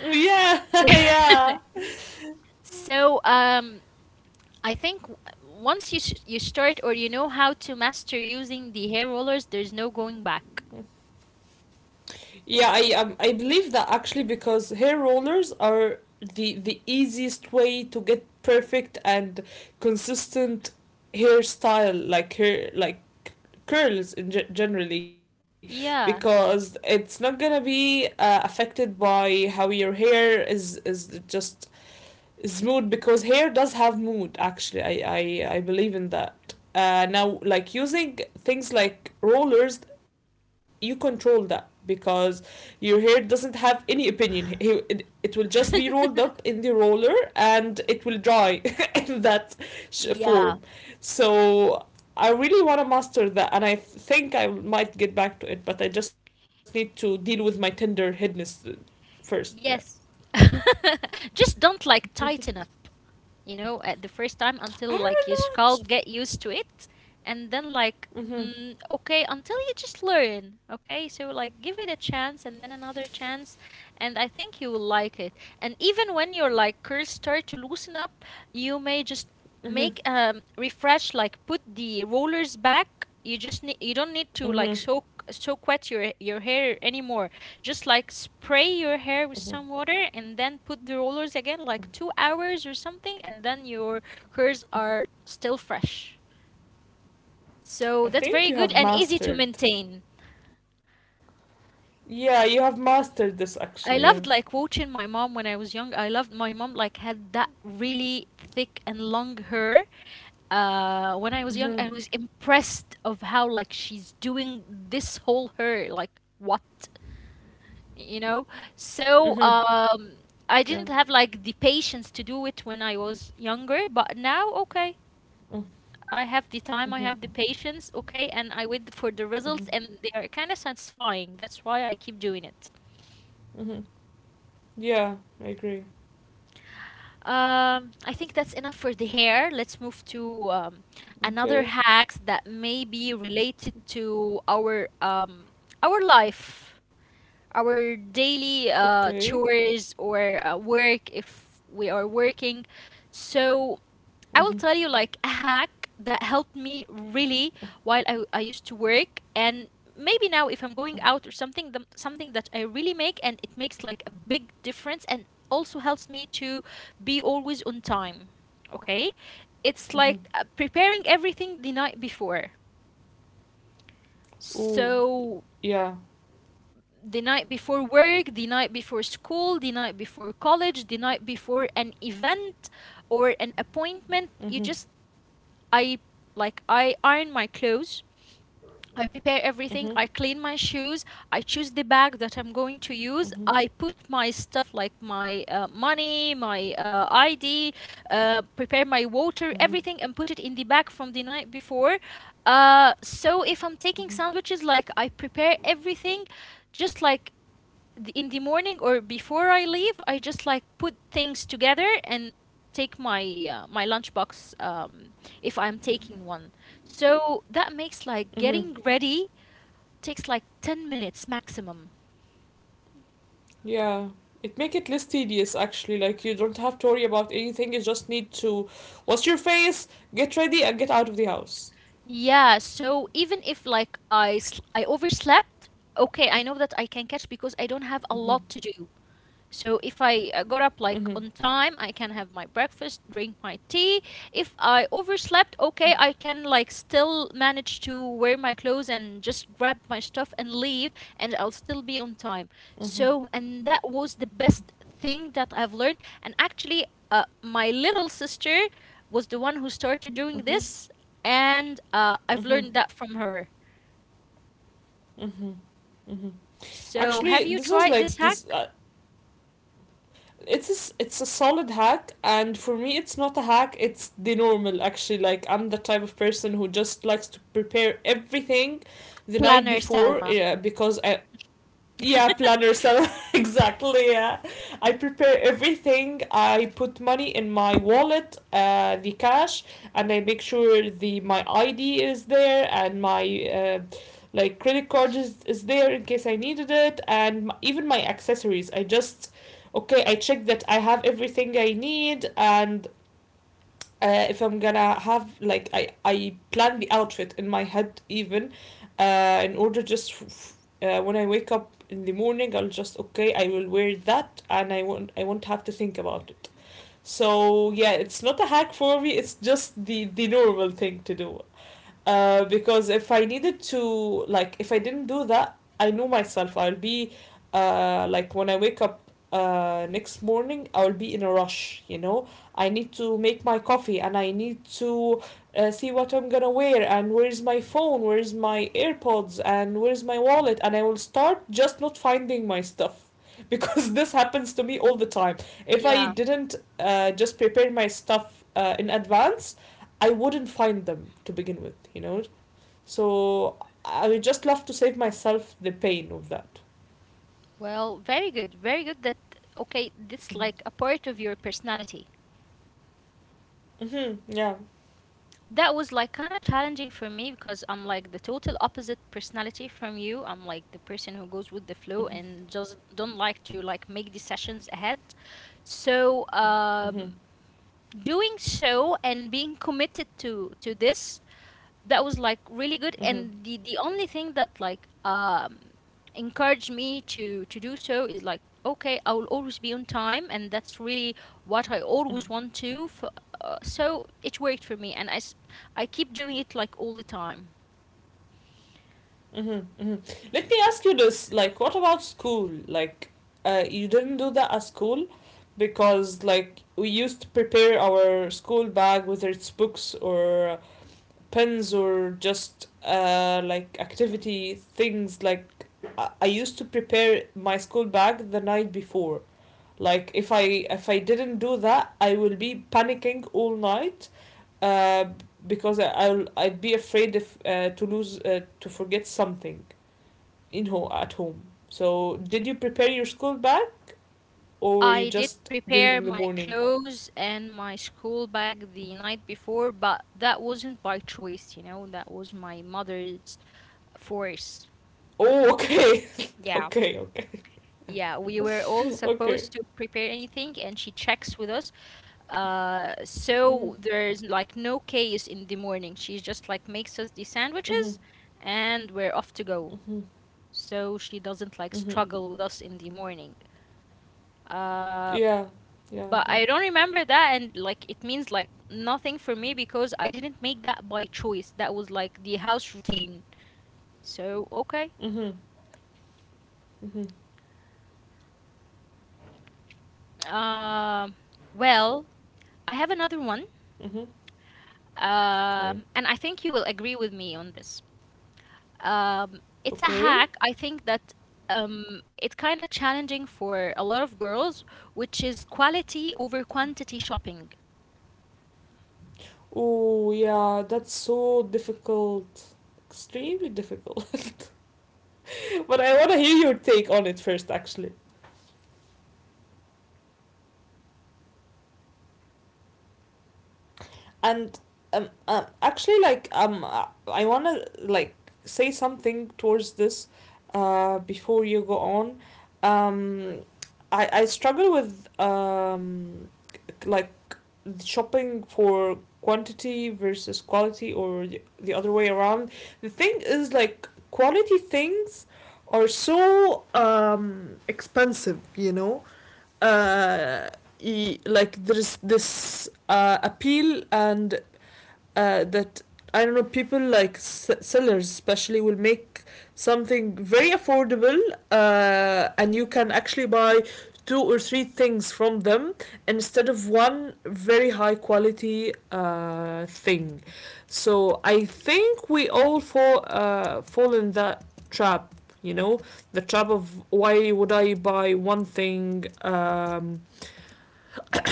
Speaker 2: Yeah. Yeah.
Speaker 1: So, um, I think w- once you s you start or you know how to master using the hair rollers, there's no going back.
Speaker 2: Yeah, I um, I believe that actually, because hair rollers are the the easiest way to get perfect and consistent hairstyle, like hair like curls in ge- generally,
Speaker 1: Yeah.
Speaker 2: because it's not gonna be uh, affected by how your hair is is just is mood, because hair does have mood actually. i i, I believe in that. Uh, now, like, using things like rollers, you control that because your hair doesn't have any opinion. He- it, it will just be rolled up in the roller and it will dry in that
Speaker 1: Yeah.
Speaker 2: form. So I really want to master that, and I think I might get back to it, but I just need to deal with my tender headness uh, first. Yeah.
Speaker 1: Yes. Just don't like tighten up. You know, at the first time until
Speaker 2: I
Speaker 1: like your
Speaker 2: don't know,
Speaker 1: scalp
Speaker 2: it's
Speaker 1: get used to it, and then like
Speaker 2: mm-hmm,
Speaker 1: mm, okay, until you just learn, okay? So like give it a chance and then another chance, and I think you will like it. And even when your like curls start to loosen up, you may just make
Speaker 2: mm-hmm,
Speaker 1: um refresh like put the rollers back. You just need you don't need to like soak
Speaker 2: mm-hmm.
Speaker 1: soak wet your your hair anymore. Just like spray your hair with
Speaker 2: Mhm.
Speaker 1: some water and then put the rollers again, like two hours or something, and then your curls are still fresh. So that's very
Speaker 2: I
Speaker 1: good and
Speaker 2: think you
Speaker 1: easy to
Speaker 2: have
Speaker 1: maintain.
Speaker 2: mastered. Yeah, you have mastered this
Speaker 1: I
Speaker 2: actually.
Speaker 1: loved
Speaker 2: Yeah.
Speaker 1: like watching my mom when I was young. I loved my mom like had that really thick and long hair. Uh, when I was young, I was
Speaker 2: Mhm.
Speaker 1: impressed of how like she's doing this whole hair. Like what? You know, so
Speaker 2: Mhm.
Speaker 1: um I
Speaker 2: Yeah.
Speaker 1: didn't have like the patience to do it when I was younger, but now okay,
Speaker 2: Mm.
Speaker 1: I have the time, I have the
Speaker 2: Mhm.
Speaker 1: patience, okay, and I wait for the results and they
Speaker 2: Mhm.
Speaker 1: are kind of satisfying, that's why I keep doing it.
Speaker 2: Mhm. Yeah, I agree.
Speaker 1: Um, I think that's enough for the hair. Let's move to um, another
Speaker 2: Okay.
Speaker 1: hacks that may be related to our um our life, our daily
Speaker 2: Okay.
Speaker 1: uh, chores or uh, work if we are working. So I will tell
Speaker 2: Mhm.
Speaker 1: you like a hack that helped me really while I, I used to work, and maybe now if I'm going out or something, the, something that I really make and it makes like a big difference and also helps me to be always on time. Okay? It's
Speaker 2: Mhm.
Speaker 1: like uh, preparing everything the night before.
Speaker 2: Ooh.
Speaker 1: So
Speaker 2: Yeah.
Speaker 1: the night before work, the night before school, the night before college, the night before an event or an appointment. You
Speaker 2: Mhm.
Speaker 1: just, I Like, I iron my clothes. I prepare everything.
Speaker 2: Mhm.
Speaker 1: I clean my shoes. I choose the bag that I'm going to
Speaker 2: Mhm.
Speaker 1: use. I put my stuff like my uh, money, my uh, I D, uh, prepare my water,
Speaker 2: Mhm.
Speaker 1: everything, and put it in the bag from the night before. Uh, so if I'm taking
Speaker 2: Mhm.
Speaker 1: sandwiches, like I prepare everything, just like in the morning or before I leave, I just like put things together and take my uh, my lunchbox um, if I'm taking one. So that makes like
Speaker 2: Mhm.
Speaker 1: getting ready takes like ten minutes maximum.
Speaker 2: Yeah. It make it less tedious actually. Like you don't have to worry about anything. You just need to wash your face, get ready, and get out of the house.
Speaker 1: Yeah, so even if like I sl- I overslept, okay, I know that I can catch because I
Speaker 2: Mhm.
Speaker 1: don't have a lot to do. So if I uh, got up
Speaker 2: Mhm.
Speaker 1: like on time, I can have my breakfast, drink my tea. If I overslept, okay, I can like still manage to wear my clothes and just grab my stuff and leave, and I'll still be on time.
Speaker 2: Mhm.
Speaker 1: So and that was the best thing that I've learned, and actually uh, my little sister was the one who started doing
Speaker 2: Mhm.
Speaker 1: this, and uh, I've
Speaker 2: Mm-hmm.
Speaker 1: learned that from her.
Speaker 2: Mm-hmm. Mm-hmm.
Speaker 1: So have
Speaker 2: Actually,
Speaker 1: you
Speaker 2: this was
Speaker 1: tried this
Speaker 2: like this.
Speaker 1: hack?
Speaker 2: Uh, it's a, s- it's a solid hack, and for me, it's not a hack. It's the normal. Actually, like I'm the type of person who just likes to prepare everything the night
Speaker 1: Planner
Speaker 2: before,
Speaker 1: Selma.
Speaker 2: uh, because I yeah planner so exactly yeah. I prepare everything, I put money in my wallet, uh, the cash, and I make sure the my ID is there, and my uh, like credit card is, is there in case I needed it, and m- even my accessories, I just okay, I check that I have everything I need. And uh, if I'm gonna have like I I plan the outfit in my head even, uh, in order, just f- uh, when I wake up in the morning I'll just okay I will wear that and I won't I won't have to think about it. So yeah, it's not a hack for me. It's just the the normal thing to do, uh, because if I needed to, like, if I didn't do that, I knew myself. I'll be, uh, like, when I wake up, uh, next morning, I'll be in a rush, you know? I need to make my coffee and I need to uh, see what I'm gonna wear, and where's my phone, where's my AirPods, and where's my wallet. And I will start just not finding my stuff because this happens to me all the time. If I
Speaker 1: Yeah.
Speaker 2: didn't uh, just prepare my stuff uh, in advance, I wouldn't find them to begin with, you know. So I would just love to save myself the pain of that.
Speaker 1: Well, very good. Very good that okay, this
Speaker 2: Mm-hmm.
Speaker 1: like a part of your personality.
Speaker 2: Mm-hmm. Yeah.
Speaker 1: That was like kind of challenging for me because I'm like the total opposite personality from you. I'm like the person who goes with the flow
Speaker 2: Mm-hmm.
Speaker 1: and just don't like to like make decisions ahead. So,
Speaker 2: Mm-hmm.
Speaker 1: um doing so and being committed to to this, that was like really good.
Speaker 2: Mm-hmm.
Speaker 1: And the the only thing that like um encouraged me to to do so is like, okay, I will always be on time, and that's really what I
Speaker 2: Mm-hmm.
Speaker 1: always want to f uh, so it worked for me, and I s- I keep doing it like all the time.
Speaker 2: Mm-hmm. Mm-hmm. Let me ask you this: like, what about school? Like, uh, you didn't do that at school because, like, we used to prepare our school bag, whether it's books or pens or just uh, like activity things. Like I used to prepare my school bag the night before. Like if i if I didn't do that I will be panicking all night, uh, because I, I'll, I'd be afraid if, uh, to lose, uh, to forget something in home at home. So did you prepare your school bag or you
Speaker 1: I did
Speaker 2: just did it
Speaker 1: prepare
Speaker 2: in the
Speaker 1: my
Speaker 2: morning?
Speaker 1: clothes and my school bag the night before, but that wasn't by choice, you know, that was my mother's force.
Speaker 2: Oh okay.
Speaker 1: Yeah.
Speaker 2: Okay, okay.
Speaker 1: Yeah, we were all
Speaker 2: Okay.
Speaker 1: supposed to prepare anything, and she checks with us. Uh,
Speaker 2: Mm-hmm.
Speaker 1: so there's like no case in the morning. She just like makes us the
Speaker 2: Mm-hmm.
Speaker 1: sandwiches, and we're off to go.
Speaker 2: Mm-hmm.
Speaker 1: So she doesn't like
Speaker 2: Mm-hmm.
Speaker 1: struggle with us in the morning. Uh,
Speaker 2: Yeah, yeah, I
Speaker 1: but
Speaker 2: know.
Speaker 1: I don't remember that, and like it means like nothing for me because I didn't make that by choice. That was like the house routine. So okay.
Speaker 2: Mm-hmm. Mm-hmm.
Speaker 1: Um, well, I have another one.
Speaker 2: Mm-hmm. Okay.
Speaker 1: Um, and I think you will agree with me on this. Um, it's a
Speaker 2: Okay.
Speaker 1: hack. I think that um, it's kind of challenging for a lot of girls, which is quality over quantity shopping.
Speaker 2: Oh yeah, that's so difficult. Extremely difficult.
Speaker 1: Yes. Yes, because
Speaker 2: But
Speaker 1: nowadays,
Speaker 2: I want
Speaker 1: like,
Speaker 2: to hear your take on it first, actually.
Speaker 1: ah, okay. I feel like these days, um, all girls
Speaker 2: And
Speaker 1: like,
Speaker 2: um,
Speaker 1: yeah.
Speaker 2: um actually, like um, uh, I want to like say something towards this, uh, before you go on. Um, I I struggle with um like shopping for quantity versus quality, or the- other way around. The thing is, like quality things are so um expensive, you know. uh e- like, there's this uh appeal, and uh, that, I don't know, people like s- sellers especially will make something very affordable, uh, and you can actually buy two or three things from them instead of one very high quality uh, thing. So I think we all fall uh, fall in that trap. You know, the trap of why would I buy one thing, um,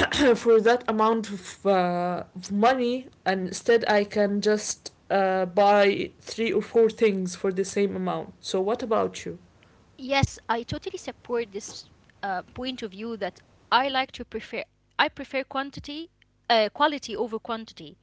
Speaker 2: for that amount of, uh, of money, and instead I can just uh, buy three or four things for the same amount. So what about you?
Speaker 1: Yes, I totally support this uh, point of view that I like to prefer I prefer quantity uh, quality over quantity.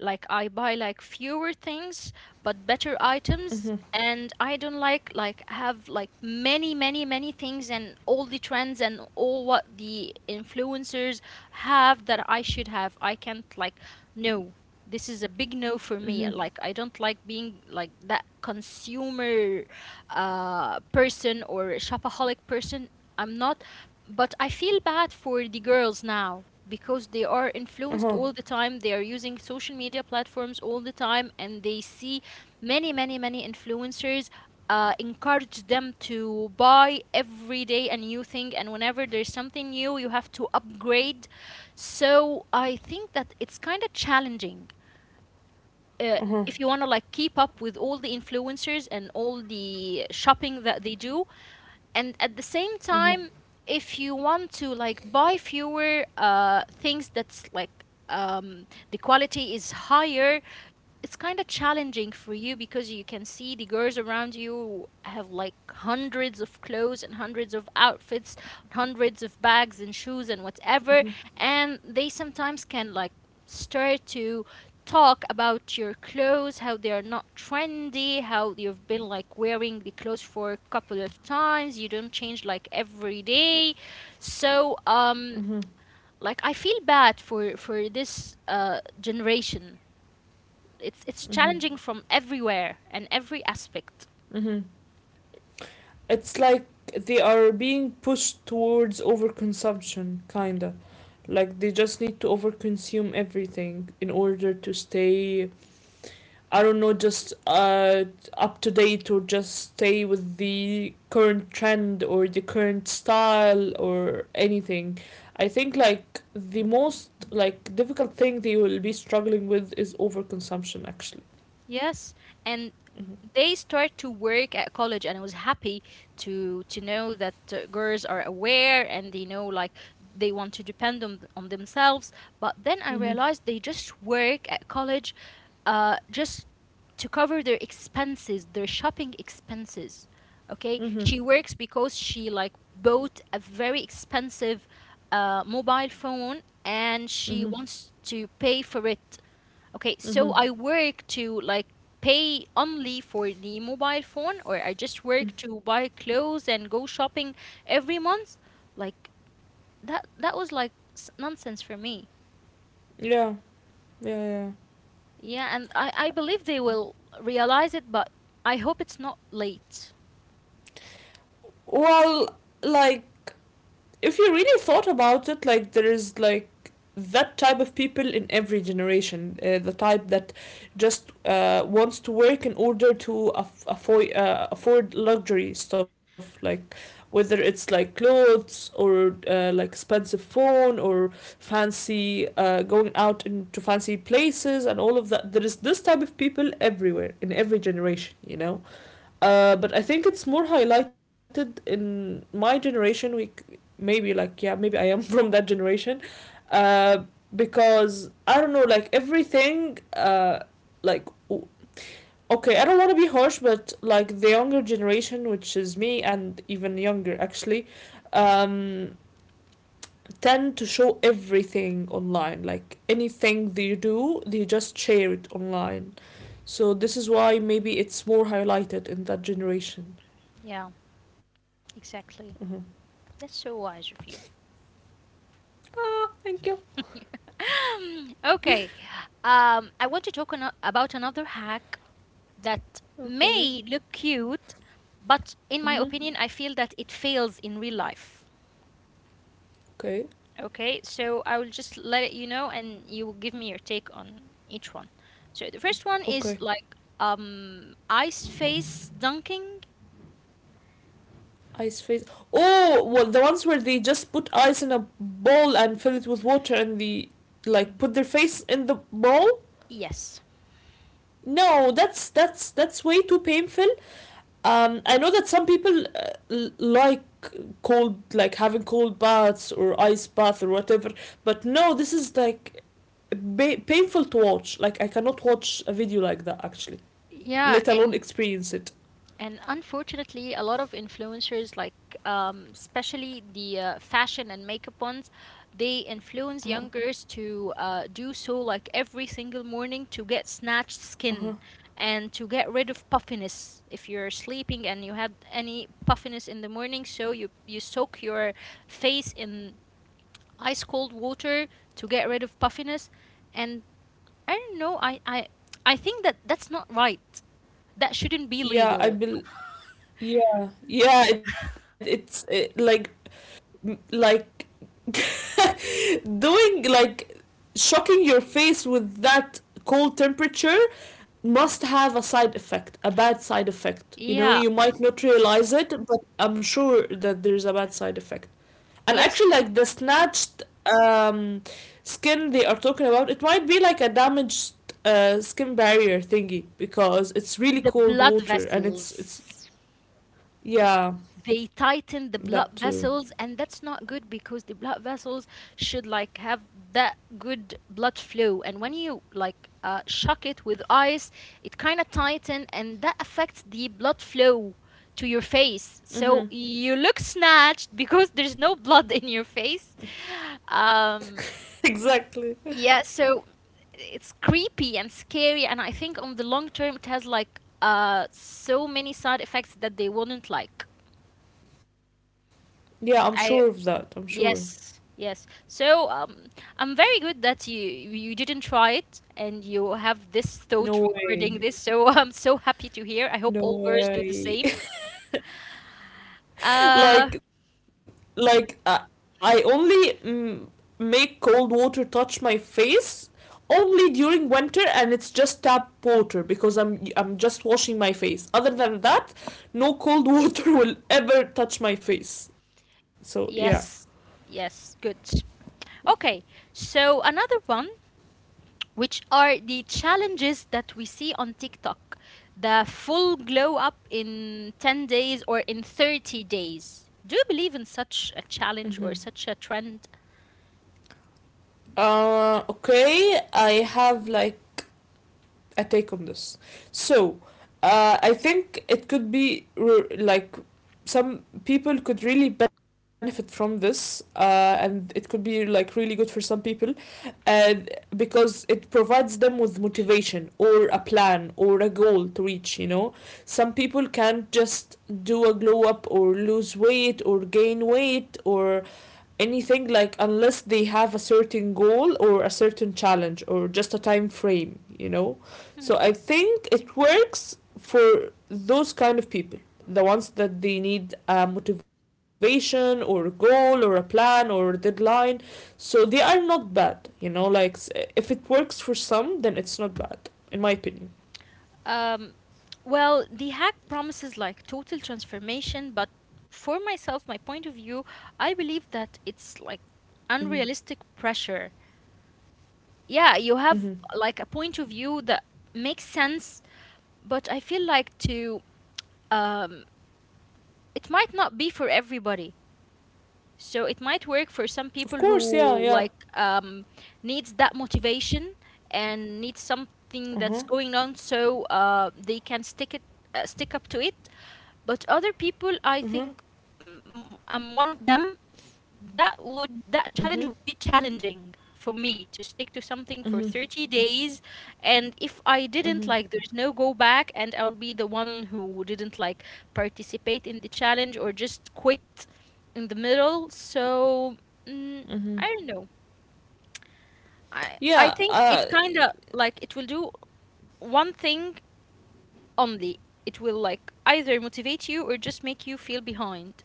Speaker 1: Like I buy like fewer things but better items, and I don't like like have like many many many things and all the trends and all what the influencers have that I should have. I can't like, no. This is a big no for me. Like, I don't like being like that consumer uh person or shopaholic person. I'm not. But I feel bad for the girls now because they are influenced
Speaker 2: Uh-huh.
Speaker 1: all the time. They are using social media platforms all the time, and they see many, many, many influencers uh, encourage them to buy every day a new thing. And whenever there's something new, you have to upgrade. So I think that it's kind of challenging. Uh, if you want to like keep up with all the influencers and all the shopping that they do, and at the same
Speaker 2: Mm-hmm.
Speaker 1: time if you want to like buy fewer uh things that's like um the quality is higher, it's kind of challenging for you because you can see the girls around you have like hundreds of clothes and hundreds of outfits, hundreds of bags and shoes and whatever,
Speaker 2: Mm-hmm.
Speaker 1: and they sometimes can like start to talk about your clothes, how they are not trendy, how you've been like wearing the clothes for a couple of times, you don't change like every day. So, um like I feel bad for for this uh generation. It's it's challenging from everywhere and every aspect.
Speaker 2: Mm-hmm. It's like they are being pushed towards overconsumption, kinda, like they just need to overconsume everything in order to stay, I don't know, just uh, up to date, or just stay with the current trend or the current style or anything. I think like the most like difficult thing they will be struggling with is overconsumption, actually.
Speaker 1: Yes, and they
Speaker 2: Mm-hmm.
Speaker 1: start to work at college, and I was happy to to know that uh, girls are aware and they know like they want to depend on on themselves. But then I realized they
Speaker 2: Mm-hmm.
Speaker 1: just work at college, uh, just to cover their expenses, their shopping expenses. Okay, she works
Speaker 2: Mm-hmm.
Speaker 1: because she like bought a very expensive uh, mobile phone and she wants to pay for it. Okay, so I
Speaker 2: Mm-hmm.
Speaker 1: work to like pay only for the mobile phone, or I just work to buy clothes and go shopping every month. Like that that was like s- nonsense for me.
Speaker 2: Yeah. Yeah. Yeah.
Speaker 1: Yeah, and I I believe they will realize it, but I hope it's not late.
Speaker 2: Well, like, if you really thought about it, like, there is like that type of people in every generation, uh, the type that just uh, wants to work in order to aff- afford uh, afford luxury stuff, like whether it's like clothes, or uh, like expensive phone, or fancy, uh, going out into fancy places and all of that. There is this type of people everywhere in every generation, you know. Uh, but I think it's more highlighted in my generation. We maybe like, yeah, maybe I am from that generation, uh, because I don't know, like, everything. Uh, like okay, I don't want to be harsh, but like the younger generation, which is me and even younger actually, um, tend to show everything online. Like anything they do, they just share it online. So this is why maybe it's more highlighted in that generation.
Speaker 1: Yeah,
Speaker 2: Mhm.
Speaker 1: exactly. That's so wise of you.
Speaker 2: Ah, thank you.
Speaker 1: Okay. Um, I want to talk ano- about another hack that
Speaker 2: Okay.
Speaker 1: may look cute, but in my
Speaker 2: Mm-hmm.
Speaker 1: opinion, I feel that it fails in real life.
Speaker 2: Okay.
Speaker 1: Okay, so I will just let it you know, and you will give me your take on each one. So the first one is
Speaker 2: Okay.
Speaker 1: like um ice face dunking.
Speaker 2: Ice face. Oh, well, the ones where they just put ice in a bowl and fill it with water and they like put their face in the bowl.
Speaker 1: Yes.
Speaker 2: No, that's that's that's way too painful. Um, I know that some people uh, l- like cold, like having cold baths or ice bath or whatever. But no, this is like ba- painful to watch. Like I cannot watch a video like that, actually.
Speaker 1: Yeah,
Speaker 2: Let alone
Speaker 1: and
Speaker 2: experience it.
Speaker 1: And unfortunately, a lot of influencers, like um, especially the uh, fashion and makeup ones, they influence
Speaker 2: Uh huh.
Speaker 1: youngers to uh, do so like every single morning to get snatched
Speaker 2: Uh
Speaker 1: skin
Speaker 2: huh.
Speaker 1: and to get rid of puffiness. If you're sleeping and you had any puffiness in the morning, so you you soak your face in ice cold water to get rid of puffiness. And I don't know, I I I think that that's not right. That shouldn't be
Speaker 2: Yeah, I
Speaker 1: legal.
Speaker 2: bel Yeah, yeah, it, it's it, like m- like doing like shocking your face with that cold temperature must have a side effect, a bad side effect. You know,
Speaker 1: Yeah,
Speaker 2: you might not realize it, but I'm sure that there's a bad side effect. And
Speaker 1: yes,
Speaker 2: actually, like, the snatched um skin they are talking about, it might be like a damaged, uh, skin barrier thingy, because it's
Speaker 1: the
Speaker 2: really cold
Speaker 1: blood
Speaker 2: water, and it's it's
Speaker 1: vessels.
Speaker 2: yeah,
Speaker 1: They
Speaker 2: that
Speaker 1: tighten the
Speaker 2: too.
Speaker 1: blood vessels, and that's not good because the blood vessels should like have that good blood flow. And when you like uh, shock it with ice, it kind of tighten, and that affects the blood flow to your face. So
Speaker 2: Mm-hmm.
Speaker 1: you look snatched because there's no blood in your face. Um,
Speaker 2: Exactly.
Speaker 1: Yeah, so it's creepy and scary, and I think on the long term it has like uh so many side effects that they wouldn't like.
Speaker 2: Yeah, I'm
Speaker 1: I
Speaker 2: sure of that. I'm sure.
Speaker 1: Yes, yes. So um, I'm very good that you you didn't try it and you have this thought regarding
Speaker 2: No
Speaker 1: this. So
Speaker 2: way.
Speaker 1: I'm so happy to hear. I hope all girls
Speaker 2: No
Speaker 1: do the same.
Speaker 2: way.
Speaker 1: Uh,
Speaker 2: Like, like uh, I only, mm, make cold water touch my face only during winter, and it's just tap water because I'm I'm just washing my face. Other than that, no cold water will ever touch my face. So yeah.
Speaker 1: yes, yes, good. Okay, so another one, which are the challenges that we see on TikTok. The full glow up in ten days or in thirty days. Do you believe in such a
Speaker 2: Mm-hmm.
Speaker 1: challenge or such a trend?
Speaker 2: Uh, okay. I have like a take on this. So, uh, I think it could be re- like some people could really benefit from this, uh, and it could be like really good for some people, uh, because it provides them with motivation or a plan or a goal to reach, you know. Some people can't just do a glow up or lose weight or gain weight or anything, like, unless they have a certain goal or a certain challenge or just a time frame, you know. So I think it works for those kind of people, the ones that they need a motivation or a goal or a plan or a deadline. So they are not bad, you know. Like, if it works for some, then it's not bad, in my opinion.
Speaker 1: Um, well, the hack promises like total transformation, but for myself, my point of view, I believe that it's like
Speaker 2: Hmm.
Speaker 1: unrealistic pressure. Yeah, you
Speaker 2: Hmm.
Speaker 1: have like a point of view that makes sense, but I feel like to um, it might not be for everybody. So it might work
Speaker 2: Of
Speaker 1: for some
Speaker 2: course, yeah,
Speaker 1: people
Speaker 2: yeah.
Speaker 1: who like um, needs that motivation and needs something
Speaker 2: Uh-huh.
Speaker 1: that's going on so uh, they can stick it uh, stick up to it. But other people, I
Speaker 2: Uh-huh.
Speaker 1: think, mm, I'm one of them, that would, that
Speaker 2: Uh-huh.
Speaker 1: challenge would be challenging for me to stick to something for
Speaker 2: Uh-huh.
Speaker 1: thirty days. And if I didn't,
Speaker 2: Uh-huh.
Speaker 1: like, there's no go back and I'll be the one who didn't like participate in the challenge or just quit in the middle. So, mm,
Speaker 2: uh-huh
Speaker 1: I don't know. I i
Speaker 2: yeah
Speaker 1: think
Speaker 2: uh
Speaker 1: it kind of like it will do one thing only. It will like either motivate you or just make you feel behind.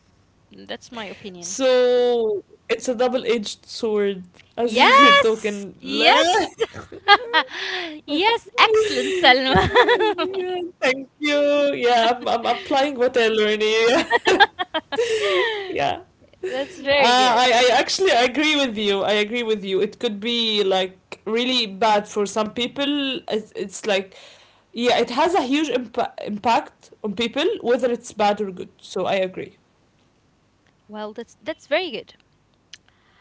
Speaker 1: That's my opinion.
Speaker 2: so it's a double-edged sword, as we were
Speaker 1: Yes,
Speaker 2: talking.
Speaker 1: yes, yes,
Speaker 2: Yeah,
Speaker 1: excellent, Selma.
Speaker 2: thank you. Yeah, I'm I'm applying what I learned here. Yeah.
Speaker 1: That's very
Speaker 2: Uh,
Speaker 1: good.
Speaker 2: I, I actually, I agree with you. I agree with you. It could be like really bad for some people. It's, it's like, yeah, it has a huge impa impact on people, whether it's bad or good. So I agree.
Speaker 1: Well, that's that's very good.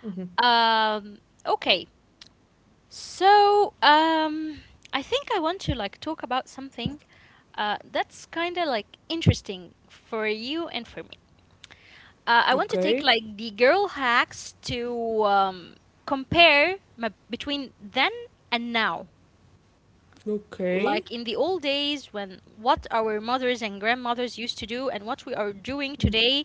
Speaker 2: Hmm.
Speaker 1: Um, okay. So, um, I think I want to like talk about something uh, that's kind of like interesting for you and for me. Uh, I want to take
Speaker 2: Okay.
Speaker 1: like the girl hacks to um, compare my, between then and now.
Speaker 2: Okay.
Speaker 1: Like in the old days, when what our mothers and grandmothers used to do and what we are doing today,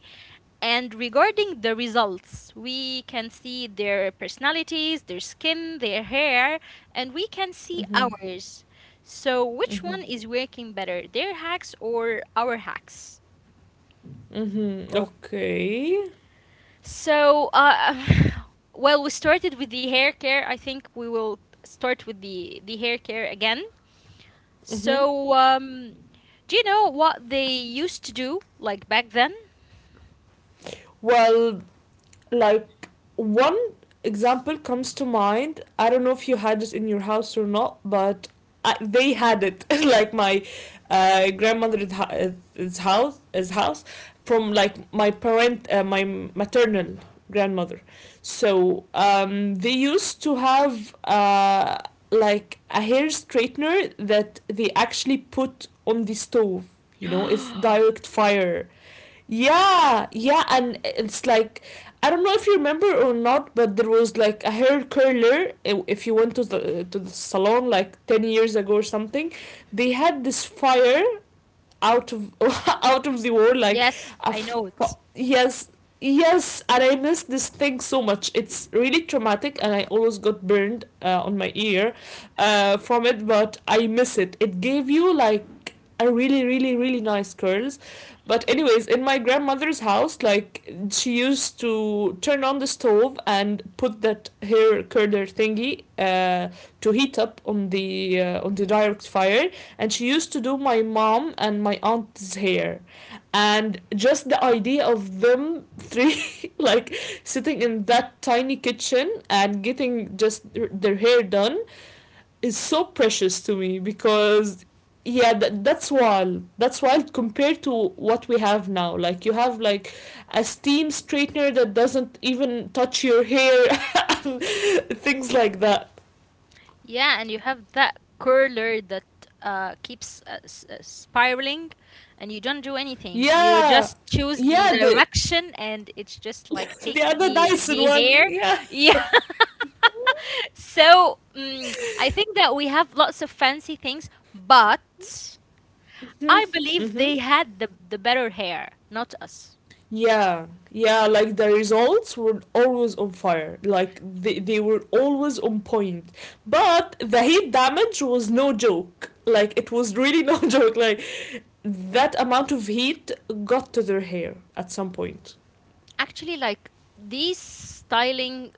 Speaker 1: and regarding the results, we can see their personalities, their skin, their hair, and we can see
Speaker 2: Mm-hmm.
Speaker 1: ours. So which one is working better, their hacks or our hacks?
Speaker 2: Mm-hmm.
Speaker 1: Oh.
Speaker 2: Okay.
Speaker 1: So uh, well, we started with the hair care. I think we will start with the the hair care again.
Speaker 2: Mm-hmm.
Speaker 1: So um do you know what they used to do like back then?
Speaker 2: Well, like, one example comes to mind. I don't know if you had it in your house or not, but I, they had it like my, uh, grandmother's house his house, from like my parent uh, my maternal grandmother. So um, they used to have, uh, like a hair straightener that they actually put on the stove, you know, it's direct fire. Yeah, yeah, and it's like, I don't know if you remember or not, but there was like a hair curler. i- If you went to the to the salon like ten years ago or something, they had this fire out of out of the world, like
Speaker 1: Yes,
Speaker 2: a,
Speaker 1: I know it.
Speaker 2: yes, yes. And I miss this thing so much. It's really traumatic, and I always got burned, uh, on my ear, uh, from it. But I miss it. It gave you like a really, really, really nice curls. But anyways, in my grandmother's house, like, she used to turn on the stove and put that hair curler thingy, uh, to heat up on the uh, on the direct fire. And she used to do my mom and my aunt's hair. And just the idea of them three like sitting in that tiny kitchen and getting just their their hair done is so precious to me. Because yeah, that, that's wild, that's wild compared to what we have now. Like, you have like a steam straightener that doesn't even touch your hair, and things like that.
Speaker 1: Yeah, and you have that curler that uh, keeps uh, s- uh, spiraling, and you don't do anything. You
Speaker 2: Yeah
Speaker 1: just choose the
Speaker 2: yeah the
Speaker 1: direction and it just like
Speaker 2: The
Speaker 1: takes
Speaker 2: other
Speaker 1: the
Speaker 2: Dyson
Speaker 1: the
Speaker 2: one,
Speaker 1: hair.
Speaker 2: yeah.
Speaker 1: Yeah. So, mm, I think that we have lots of fancy things, but I believe
Speaker 2: Hmm.
Speaker 1: they had the the better hair, not us.
Speaker 2: Yeah, yeah, like the results were always on fire. Like they, they were always on point. But the heat damage was no joke. Like, it was really no joke. Like that amount of heat got to their hair at some point.
Speaker 1: Actually, like these styling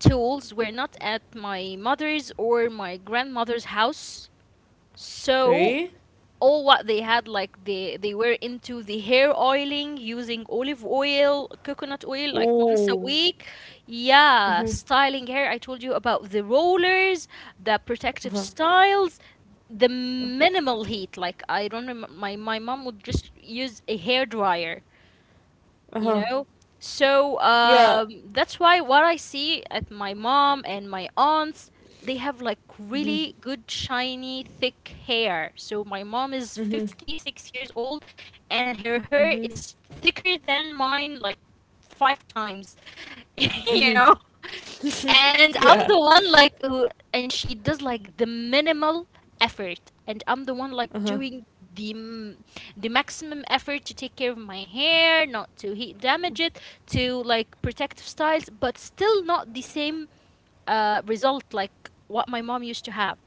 Speaker 1: tools were not at my mother's or my grandmother's house. So
Speaker 2: Okay?
Speaker 1: all what they had, like, they they were into the hair oiling, using olive oil, coconut oil like once a
Speaker 2: Oh.
Speaker 1: week. Yeah,
Speaker 2: Mm-hmm.
Speaker 1: styling hair. I told you about the rollers, the protective
Speaker 2: Uh-huh.
Speaker 1: styles, the minimal heat. Like I don't remember my my mom would just use a hair dryer, you
Speaker 2: Uh-huh.
Speaker 1: know? So
Speaker 2: Yeah.
Speaker 1: um, that's why what I see at my mom and my aunts, they have like
Speaker 2: Mm-hmm.
Speaker 1: really good, shiny, thick hair. So my mom is
Speaker 2: Mm-hmm.
Speaker 1: fifty-six years old and her hair
Speaker 2: Mm-hmm.
Speaker 1: is thicker than mine, like five times, you
Speaker 2: Mm-hmm.
Speaker 1: know? And I'm
Speaker 2: Yeah.
Speaker 1: the one like who, and she does like the minimal effort, and I'm the one like
Speaker 2: Uh-huh.
Speaker 1: doing the m- the maximum effort to take care of my hair, not to heat damage it, to like protective styles, but still not the same uh result like what my mom used to have.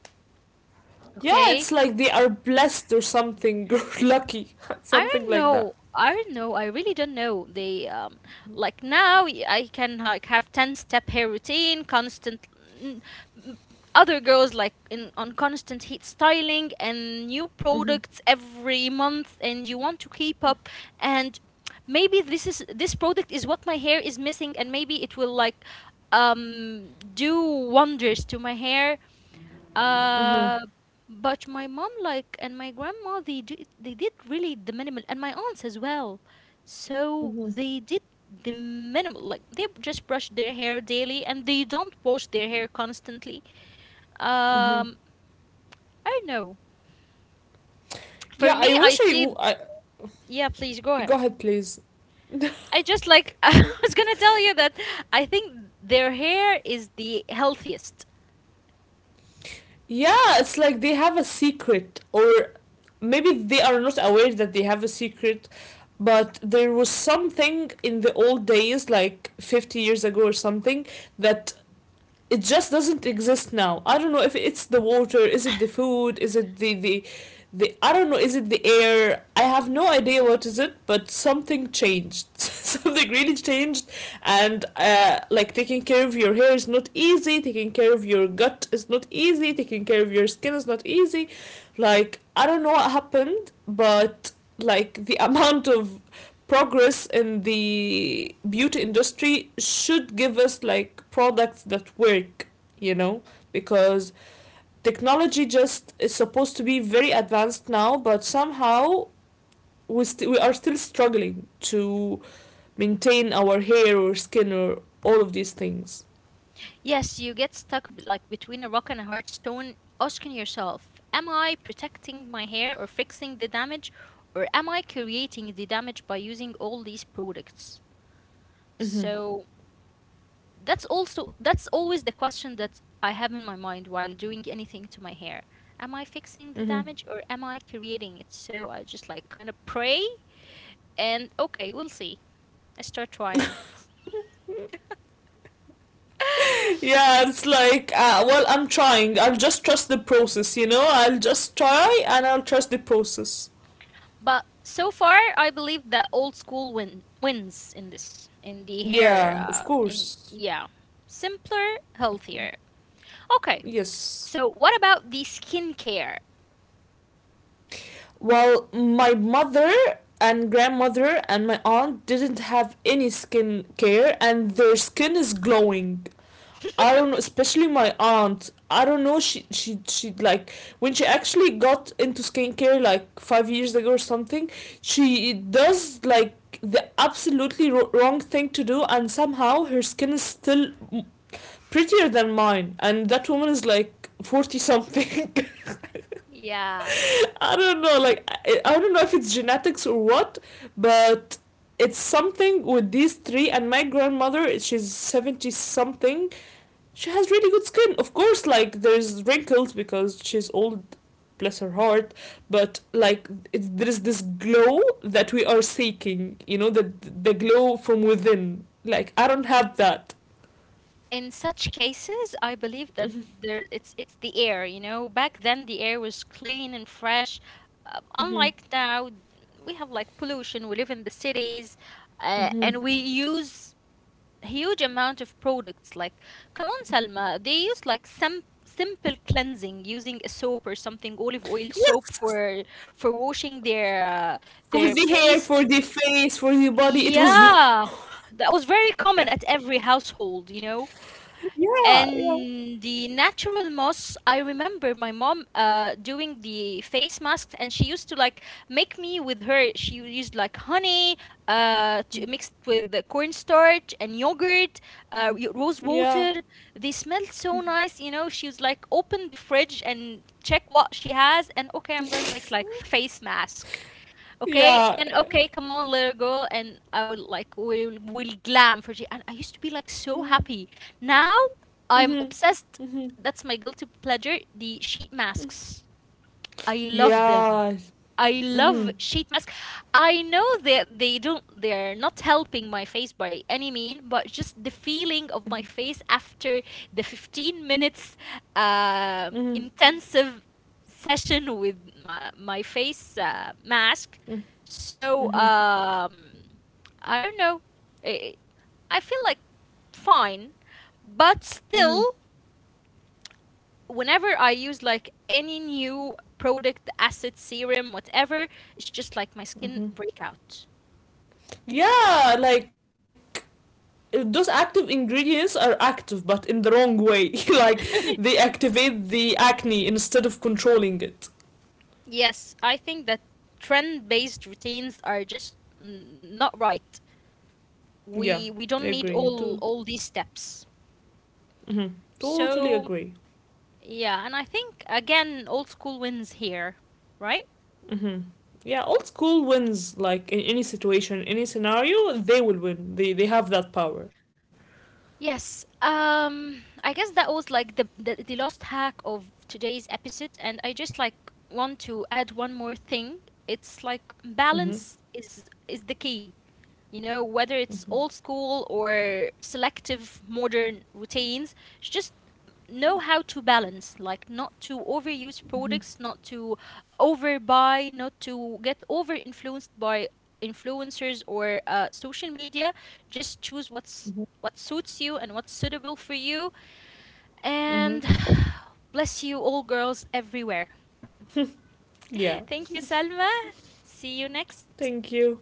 Speaker 2: Yeah,
Speaker 1: Okay.
Speaker 2: it's like they are blessed or something, or lucky,
Speaker 1: I
Speaker 2: something
Speaker 1: don't
Speaker 2: like that.
Speaker 1: know. I don't know. I really don't know. They um like now y- I can like have ten step hair routine, constant n- m- other girls like in on constant heat styling and new
Speaker 2: Mm-hmm.
Speaker 1: products every month and you want to keep up and maybe this is this product is what my hair is missing and maybe it will like um do wonders to my hair
Speaker 2: Mm-hmm.
Speaker 1: uh, but my mom like and my grandma they did they did really the minimal and my aunts as well. So
Speaker 2: Mhm.
Speaker 1: they did the minimal like they just brush their hair daily and they don't wash their hair constantly. Um, I don't know.
Speaker 2: Yeah,
Speaker 1: For me,
Speaker 2: I
Speaker 1: I
Speaker 2: wish I,
Speaker 1: see.
Speaker 2: w- I-
Speaker 1: Yeah, please go
Speaker 2: Go
Speaker 1: ahead.
Speaker 2: ahead, please.
Speaker 1: I just like I was gonna tell you that I think their hair is the healthiest.
Speaker 2: Yeah, it's like they have a secret, or maybe they are not aware that they have a secret. But there was something in the old days, like fifty years ago or something, that it just doesn't exist now. I don't know if it's the water, is it the food, is it the the, the I don't know, is it the air? I have no idea what is it, but something changed. Something really changed. And uh, like, taking care of your hair is not easy. Taking care of your gut is not easy. Taking care of your skin is not easy. Like, I don't know what happened, but like the amount of progress in the beauty industry should give us like products that work, you know. Because technology just is supposed to be very advanced now, but somehow we, st- we are still struggling to maintain our hair or skin or all of these things.
Speaker 1: Yes, you get stuck b- like between a rock and a hard stone, asking yourself, am I protecting my hair or fixing the damage, or am I creating the damage by using all these products?
Speaker 2: Hmm.
Speaker 1: So that's also that's always the question that I have in my mind while doing anything to my hair. Am I fixing the
Speaker 2: Hmm.
Speaker 1: damage or am I creating it? So I just like kind of pray and okay, we'll see. I start trying.
Speaker 2: Yeah, it's like, uh, well, I'm trying. I'll just trust the process, you know? I'll just try, and I'll trust the process.
Speaker 1: But so far, I believe the old school win wins in this in the hair.
Speaker 2: Yeah, of
Speaker 1: Uh, in
Speaker 2: course.
Speaker 1: yeah, simpler,
Speaker 2: Of course.
Speaker 1: healthier. Okay,
Speaker 2: Yes.
Speaker 1: so what about the skincare?
Speaker 2: Well, my mother and grandmother and my aunt didn't have any skin care, and their skin is glowing. I don't know, especially my aunt. I don't know, she she she like, when she actually got into skincare like five years ago or something, she does like the absolutely ro- wrong thing to do, and somehow her skin is still prettier than mine, and that woman is like forty something.
Speaker 1: Yeah,
Speaker 2: I don't know, like I, I don't know if it's genetics or what, but it's something with these three. And my grandmother, she's seventy something. She has really good skin, of course. Like, there's wrinkles because she's old, bless her heart. But like, it's, there is this glow that we are seeking, you know, the the glow from within. Like, I don't have that.
Speaker 1: in such cases, I believe that there it's it's the air. You know, back then the air was clean and fresh. Um, unlike now, we have like pollution. We live in the cities, uh, and we use huge amount of products like come on Salma they use like some simple cleansing using a soap or something olive oil soap
Speaker 2: Yes,
Speaker 1: for for washing their uh,
Speaker 2: for
Speaker 1: their
Speaker 2: the hair,
Speaker 1: face
Speaker 2: for the face, for the body. It was,
Speaker 1: yeah that was very
Speaker 2: yeah,
Speaker 1: common at every household you know
Speaker 2: yeah, yeah.
Speaker 1: and the natural moss I remember my mom uh, doing the face masks and she used to like make me with her she used like honey uh, to, mixed with the cornstarch and yogurt
Speaker 2: Mm.
Speaker 1: uh, y- rose
Speaker 2: Yeah.
Speaker 1: water they smelled so nice you know she was like open the fridge and check what she has and okay I'm gonna make like face mask. Okay,
Speaker 2: Yeah.
Speaker 1: and okay, come on, little girl, and I would like will will glam for G. And I used to be like
Speaker 2: Mm.
Speaker 1: so happy. Now
Speaker 2: Mhm.
Speaker 1: I'm obsessed.
Speaker 2: Mhm.
Speaker 1: That's my guilty pleasure. The sheet masks. I love them.
Speaker 2: Yeah.
Speaker 1: I love
Speaker 2: Mhm.
Speaker 1: sheet mask. I know that they don't they're not helping my face by any mean, but just the
Speaker 2: Mhm.
Speaker 1: feeling of my face after the fifteen minutes uh,
Speaker 2: Mhm.
Speaker 1: intensive session with my, my face uh, mask. So
Speaker 2: Mhm.
Speaker 1: um, I don't know. I, I feel like fine, but
Speaker 2: Mhm.
Speaker 1: still whenever I use like any new product, acid, serum, whatever, it's just like my skin
Speaker 2: Mhm.
Speaker 1: breakout.
Speaker 2: Yeah, like those active ingredients are active, but in the wrong way. Like, they activate the acne instead of controlling it.
Speaker 1: Yes, I think that trend-based routines are just mm, not right. We
Speaker 2: Yeah,
Speaker 1: we don't
Speaker 2: I
Speaker 1: need
Speaker 2: agree. Yeah,
Speaker 1: all
Speaker 2: too.
Speaker 1: all these steps.
Speaker 2: Mhm. Totally
Speaker 1: So,
Speaker 2: agree.
Speaker 1: yeah, and I think again old school wins here, right?
Speaker 2: Mhm. Yeah, old school wins like in any situation, any scenario, they will win. They they have that power.
Speaker 1: Yes. Um I guess that was like the, the the last hack of today's episode and I just like want to add one more thing. It's like
Speaker 2: Mhm.
Speaker 1: balance is is the key. You know, whether it's
Speaker 2: Mhm.
Speaker 1: old school or selective modern routines, it's just know how to balance like not to overuse
Speaker 2: Mm-hmm.
Speaker 1: products not to overbuy not to get over influenced by influencers or uh, social media just choose what's what suits you and what's suitable for you
Speaker 2: Mm-hmm.
Speaker 1: and bless you all girls everywhere
Speaker 2: Yeah.
Speaker 1: thank you Salma, see you next
Speaker 2: Thank you.